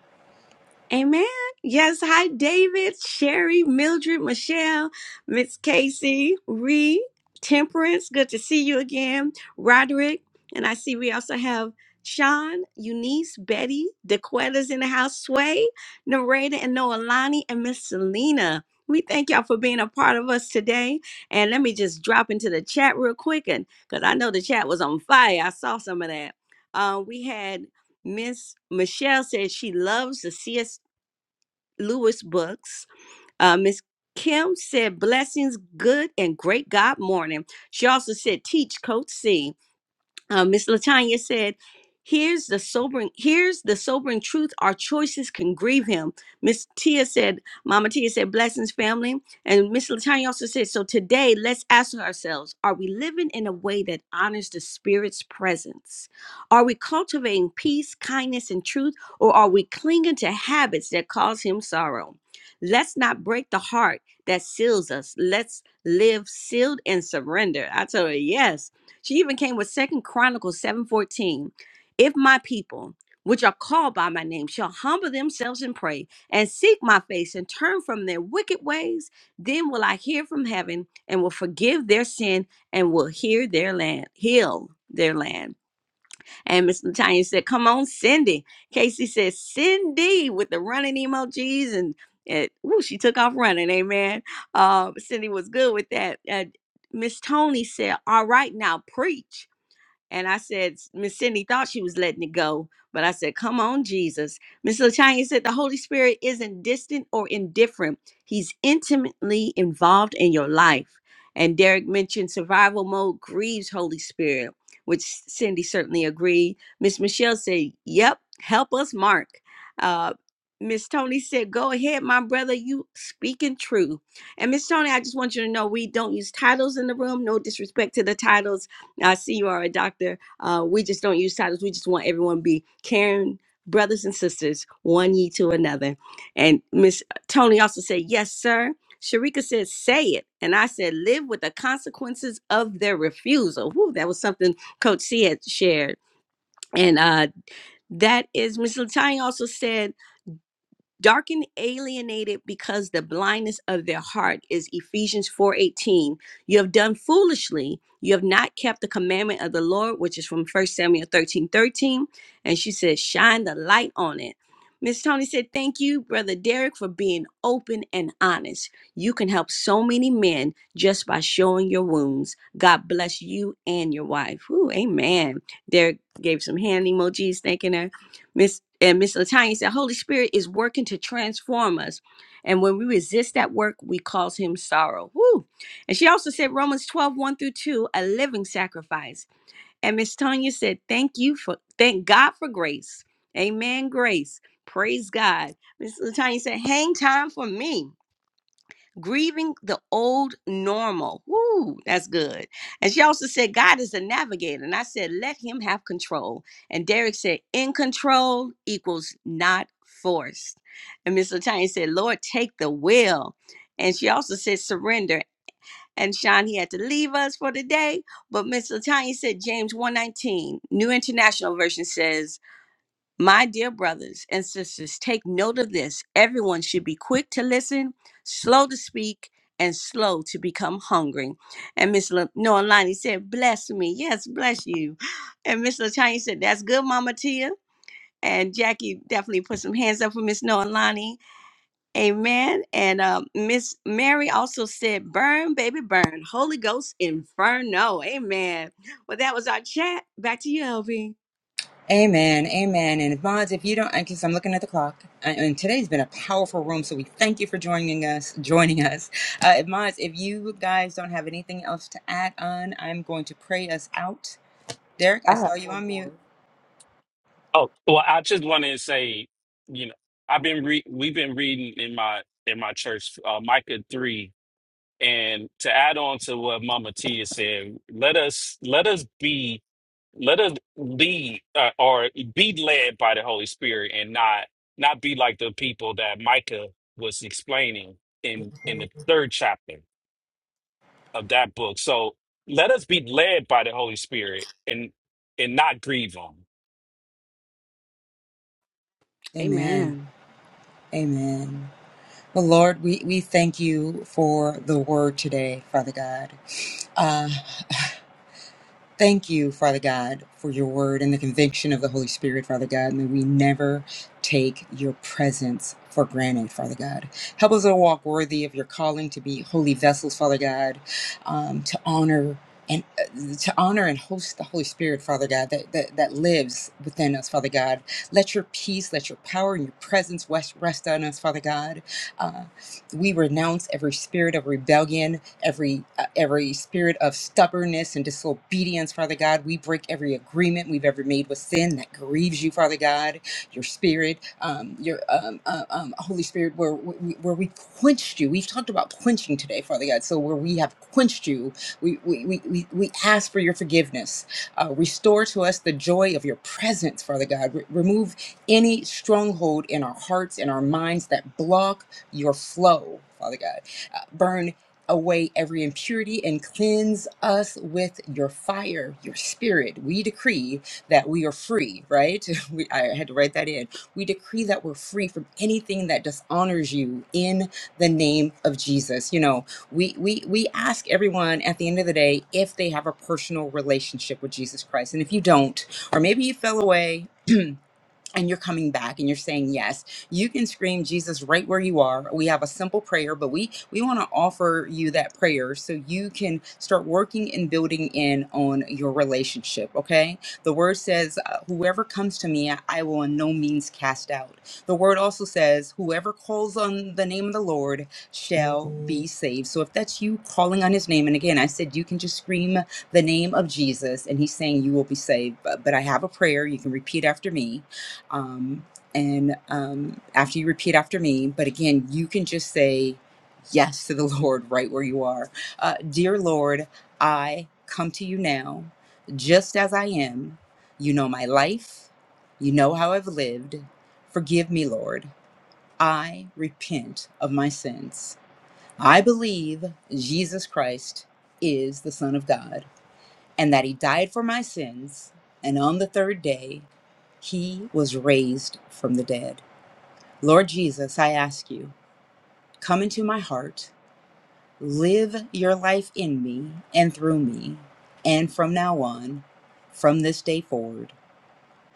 Amen. Yes. Hi, David, Sherry, Mildred, Michelle, Miss Casey, Ree, Temperance. Good to see you again, Roderick. And I see we also have Sean, Eunice, Betty, DeQuetta's in the house, Sway, Nareda, and Noelani, and Miss Selena. We thank y'all for being a part of us today. And let me just drop into the chat real quick, and because I know the chat was on fire, I saw some of that. Uh, we had Miss Michelle said she loves the C S Lewis books. Uh, Miss Kim said, Blessings, good and great God morning. She also said, Teach Coach C uh, Miss Latanya said, "Here's the sobering. Here's the sobering truth. Our choices can grieve him." Miss Tia said, "Mama Tia said, blessings, family." And Miss Latanya also said, "So today, let's ask ourselves: Are we living in a way that honors the Spirit's presence? Are we cultivating peace, kindness, and truth, or are we clinging to habits that cause him sorrow?" Let's not break the heart that seals us. Let's live sealed and surrender. I told her yes she even came with Second Chronicles 7:14. If my people, which are called by my name, shall humble themselves and pray and seek my face and turn from their wicked ways, then will I hear from heaven and will forgive their sin and will hear their land, heal their land. And Miss Latanya said, Come on, Cindy. Casey says, Cindy with the running emojis and it, ooh, she took off running, amen. Uh, Cindy was good with that. Uh, Miss Tony said, All right, now preach. And I said, Miss Cindy thought she was letting it go, but I said, Come on, Jesus. Miss LaTanya said, The Holy Spirit isn't distant or indifferent, He's intimately involved in your life. And Derek mentioned survival mode grieves Holy Spirit, which Cindy certainly agreed. Miss Michelle said, Yep, help us, Mark. Uh, Miss Tony said, Go ahead, my brother, you speaking true. And Miss Tony, I just want you to know we don't use titles in the room, no disrespect to the titles I see you are a doctor. Uh, we just don't use titles. We just want everyone to be caring brothers and sisters, one ye to another. And Miss uh, Tony also said, Yes, sir. Sharika said, Say it. And I said, Live with the consequences of their refusal. Woo, that was something Coach C had shared. And uh, that is Miss Latanya also said, dark and alienated because the blindness of their heart is ephesians 4.18 you have done foolishly you have not kept the commandment of the lord which is from 1 samuel 13.13 and she says shine the light on it miss tony said thank you brother derek for being open and honest you can help so many men just by showing your wounds god bless you and your wife Ooh, amen derek gave some hand emojis thanking her Miss and Miss Latanya said, Holy Spirit is working to transform us. And when we resist that work, we cause him sorrow. Woo. And she also said Romans twelve one through 2, a living sacrifice. And Miss Tanya said, Thank you for thank God for grace. Amen. Grace. Praise God. Miss Latanya said, Hang time for me grieving the old normal. Woo, that's good. And she also said, God is a navigator. And I said, let him have control. And Derek said, in control equals not forced. And Miss Latanya said, Lord, take the will. And she also said, surrender. And Sean, he had to leave us for the day. But Miss Latanya said, James 119, New International Version says, my dear brothers and sisters, take note of this. Everyone should be quick to listen, slow to speak, and slow to become hungry. And Miss Le- Noelani said, Bless me. Yes, bless you. And Miss Latanya said, That's good, Mama Tia. And Jackie definitely put some hands up for Miss Noelani. Amen. And um, Miss Mary also said, Burn, baby, burn. Holy Ghost inferno. Amen. Well, that was our chat. Back to you, LV. Amen, amen. And Bonds, if you don't, because I'm looking at the clock, and and today's been a powerful room, so we thank you for joining us. Joining us, uh, if Bonds, if you guys don't have anything else to add on, I'm going to pray us out. Derek, I I saw have you one on more. mute. Oh well, I just wanted to say, you know, I've been re- we've been reading in my in my church uh, Micah three, and to add on to what Mama Tia said, let us let us be let us be, uh, or be led by the Holy Spirit and not not be like the people that Micah was explaining in in the third chapter of that book. So let us be led by the Holy Spirit and and not grieve him. Amen, Amen. amen. Well, Lord, we we thank you for the word today, Father God. Uh, Thank you, Father God, for your word and the conviction of the Holy Spirit, Father God. May we never take your presence for granted, Father God. Help us to walk worthy of your calling to be holy vessels, Father God, um, to honor and uh, to honor and host the Holy Spirit, Father God, that, that that lives within us, Father God. Let your peace, let your power and your presence rest, rest on us, Father God. Uh, we renounce every spirit of rebellion, every uh, every spirit of stubbornness and disobedience, Father God. We break every agreement we've ever made with sin that grieves you, Father God your spirit, um, your um, uh, um, Holy Spirit, where we, where we quenched you. We've talked about quenching today, Father God. So where we have quenched you, we we we, we we ask for your forgiveness. Uh, restore to us the joy of your presence, Father God. Re- remove any stronghold in our hearts and our minds that block your flow, Father God. Uh, burn away every impurity and cleanse us with your fire, your spirit. We decree that we are free, right? We, I had to write that in. We decree that we're free from anything that dishonors you in the name of Jesus. You know, we we we ask everyone at the end of the day if they have a personal relationship with Jesus Christ. And if you don't, or maybe you fell away, and you're coming back and you're saying yes you can scream jesus right where you are we have a simple prayer but we we want to offer you that prayer so you can start working and building in on your relationship okay the word says uh, whoever comes to me i will in no means cast out the word also says whoever calls on the name of the lord shall be saved so if that's you calling on his name and again i said you can just scream the name of jesus and he's saying you will be saved but, but i have a prayer you can repeat after me um, and um, after you repeat after me but again you can just say yes to the lord right where you are uh, dear lord i come to you now just as i am you know my life you know how i've lived forgive me lord i repent of my sins i believe jesus christ is the son of god and that he died for my sins and on the third day he was raised from the dead Lord Jesus, I ask you, come into my heart, live your life in me and through me, and from now on, from this day forward.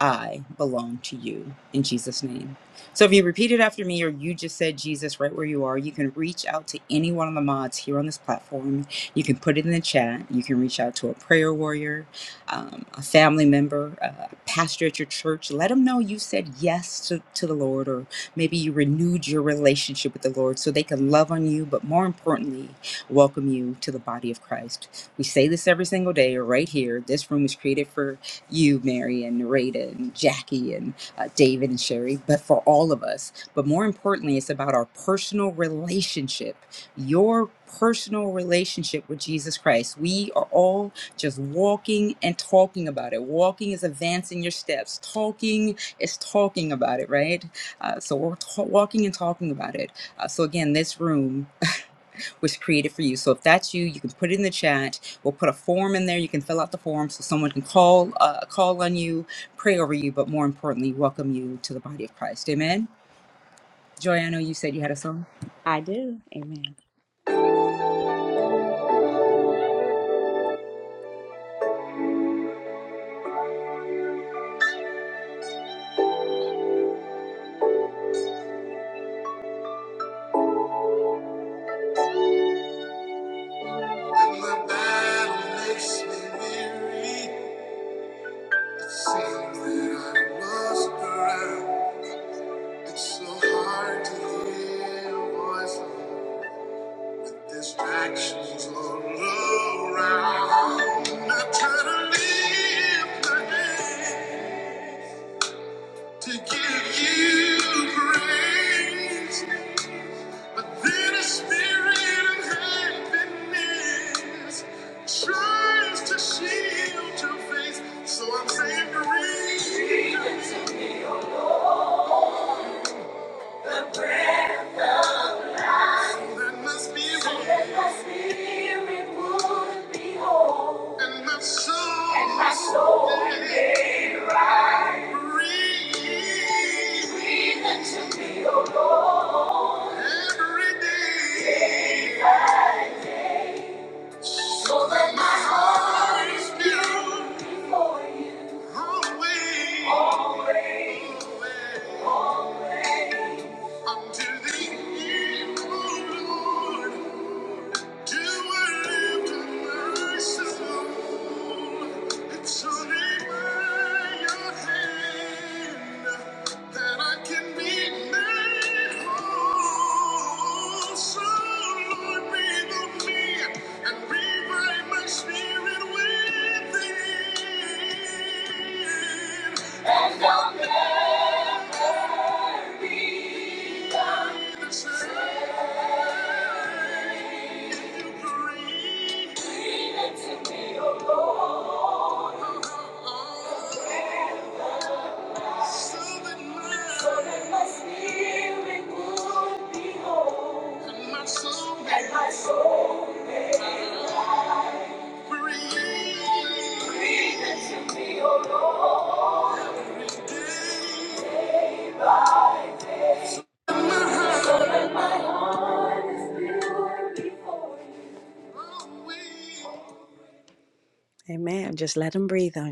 I belong to you in Jesus' name. So if you repeat it after me or you just said Jesus right where you are, you can reach out to any one of the mods here on this platform. You can put it in the chat. You can reach out to a prayer warrior, um, a family member, a pastor at your church. Let them know you said yes to, to the Lord or maybe you renewed your relationship with the Lord so they can love on you, but more importantly, welcome you to the body of Christ. We say this every single day right here. This room was created for you, Mary, and Narada, and Jackie, and uh, David, and Sherry, but for all of us. But more importantly, it's about our personal relationship, your personal relationship with Jesus Christ. We are all just walking and talking about it. Walking is advancing your steps, talking is talking about it, right? Uh, so we're t- walking and talking about it. Uh, so again, this room was created for you. So if that's you, you can put it in the chat. We'll put a form in there. You can fill out the form so someone can call uh, call on you, pray over you, but more importantly, welcome you to the body of Christ. Amen. Joy, I know you said you had a song. I do. Amen. When the battle makes me weary, it seems that I must drown. It's so hard to hear your voice with distractions all around. I try to live my day to give you praise. But then a spirit of happiness tries to shield your face, so I'm savoring the breath that must be so that my spirit would be whole, and my soul, and my soul may right. Breathe, breathe into me, O Lord, every day. So that my heart is built for you. Always, always, always. Until the end, O Lord. You were lifted my soul. It's only by your hand that I can be made whole. So, Lord, breathe on me and revive my spirit And don't never be the same.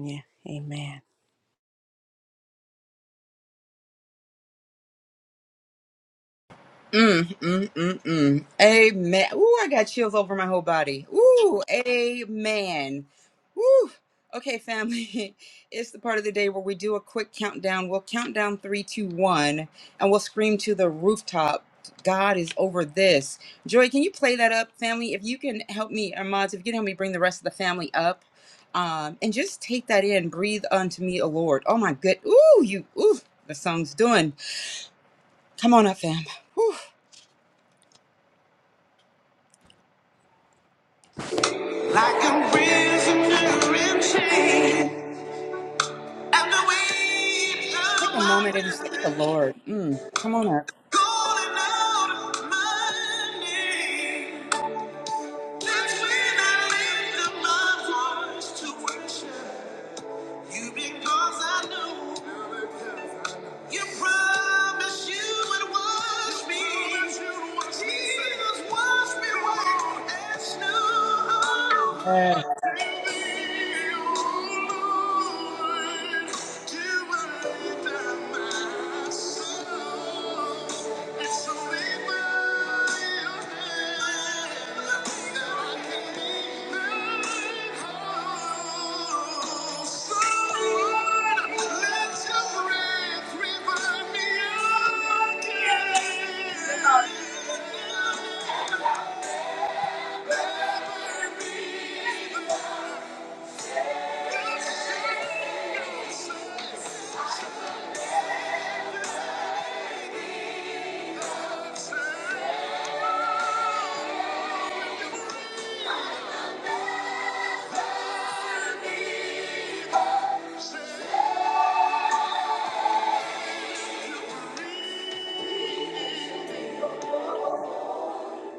Yeah. Mm, mm, mm, mm. Amen. Ooh, I got chills over my whole body. Ooh, amen. Woo. Okay, family. It's the part of the day where we do a quick countdown. We'll count down three, two, one, and we'll scream to the rooftop. God is over this. Joy, can you play that up, family? If you can help me, or mods, if you can help me bring the rest of the family up. Um, and just take that in. Breathe unto me, O Lord. Oh my good. Ooh, you ooh, the song's doing. Come on up, fam. Whew. Like a prisoner in chains. At the weight Take of a moment my and just thank the burden, Lord. Mm, come on up. calling out my name. That's when I lift up my voice to worship you because I know. You promised you would wash me. Jesus, wash me white as snow. Yes. Take me, oh Lord, to within my soul.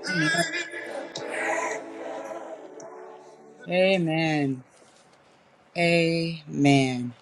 Amen. Thank you. Amen. Amen.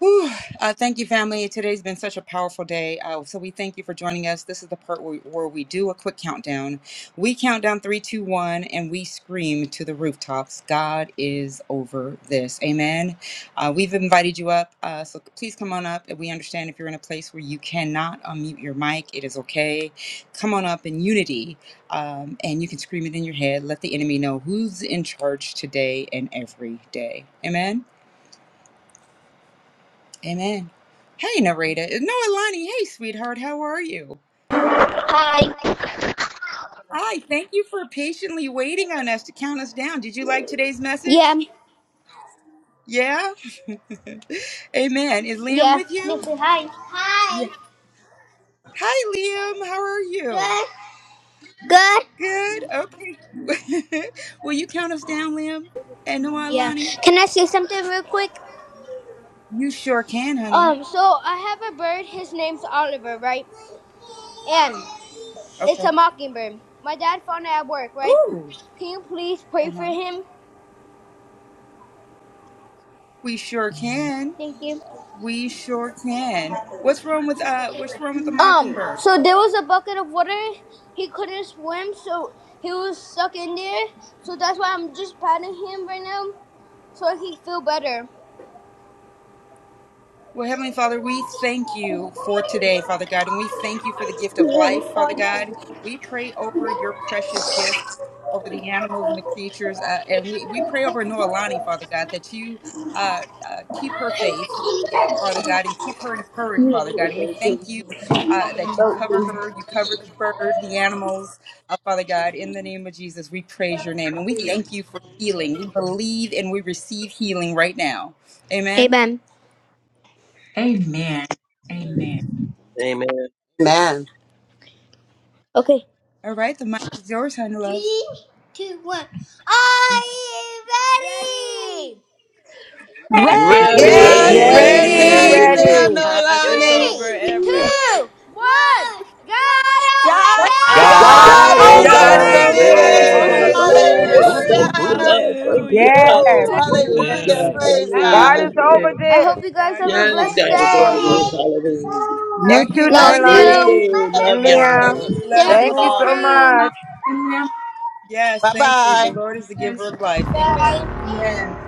Whew. Uh, thank you, family. Today's been such a powerful day. Uh, so, we thank you for joining us. This is the part where, where we do a quick countdown. We count down three, two, one, and we scream to the rooftops God is over this. Amen. Uh, we've invited you up. Uh, so, please come on up. We understand if you're in a place where you cannot unmute your mic, it is okay. Come on up in unity um, and you can scream it in your head. Let the enemy know who's in charge today and every day. Amen. Amen. Hey, Narita. No, Alani. Hey, sweetheart. How are you? Hi. Hi. Thank you for patiently waiting on us to count us down. Did you like today's Yeah, message? Yeah. Amen. Is Liam yeah, with you? Nancy, hi. Yeah. Hi. Hi, Liam. How are you? Good. Good. Good. Okay. Will you count us down, Liam? And Noah yeah. Alani? Can I say something real quick? You sure can, honey. Um, so I have a bird. His name's Oliver, right? And it's Okay. a mockingbird. My dad found it at work, right? Ooh. Can you please Uh pray for huh. him? We sure can. Thank you. We sure can. What's wrong with uh? What's wrong with the Um, mockingbird? so there was a bucket of water. He couldn't swim, so he was stuck in there. So that's why I'm just patting him right now, so he feel better. Well, Heavenly Father, we thank you for today, Father God, and we thank you for the gift of life, Father God. We pray over your precious gift, over the animals and the creatures, uh, and we, we pray over Noelani, Father God, that you uh, uh, keep her faith, Father God, and keep her encouraged, Father God. And we thank you uh, that you cover her, you cover the bird, the animals, uh, Father God. In the name of Jesus, we praise your name, and we thank you for healing. We believe and we receive healing right now. Amen. Amen. Amen. Amen. Amen. Man. Okay. All right, the mic is yours, honey love. Three, two, one. Are you ready? Yeah, Yes, Yes, Ready. we're Ready? we're Ready? ready, Ready. Ready. Leon ready. God is Noelani. over Three, everything. two, one. God over God's over God's God's God God God this! is is Yes. over over God's this. over over over this. over this. God's this. this. over this. this. Woo, Woo! Hallelujah. woo, this. woo, Thank woo. you, Hallelujah. Lord. Hallelujah. Thank you, Hallelujah. Hallelujah. Yes, Father. God's Woo, over Thank this. you. hallelujah. Yes. Praise Hallelujah. God God. is Thank over you. I this. hope you guys God have is a over Yes, blessed God this. is over Glory to day. this. God. Hallelujah. Have You Thank a too, you, blessed Love thank you. You Norlani you. day. My too. Have a Love and baby blessed y'all. Liam. day. We daddy. love Love Thank you you you Thank for you all. so more. praying. much. Yes, Bye thank you. The bye. Lord is the giver Yes. of life. Amen. Bye. Yes.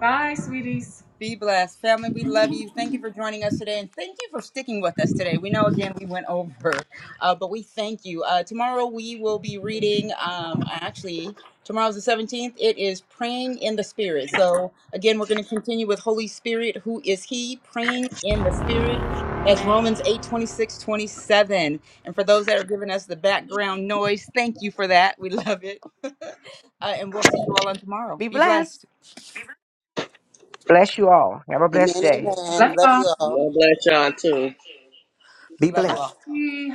Bye, sweeties. Be blessed. Family, we love Love you. Thank you for joining us today and thank you for sticking with us today. We know again we went over, uh, but we thank you. Uh, tomorrow we will be reading, um, actually, tomorrow's the 17th. It is Praying in the Spirit. So again, we're going to continue with Holy Spirit. Who is He? Praying in the Spirit. That's Romans 8 26 27. And for those that are giving us the background noise, thank you for that. We love it. uh, and we'll see you all on tomorrow. Be Be blessed. blessed. Bless you all. Have a blessed Amen, day. amen. Love you all. God bless y'all too. Love you all. y'all.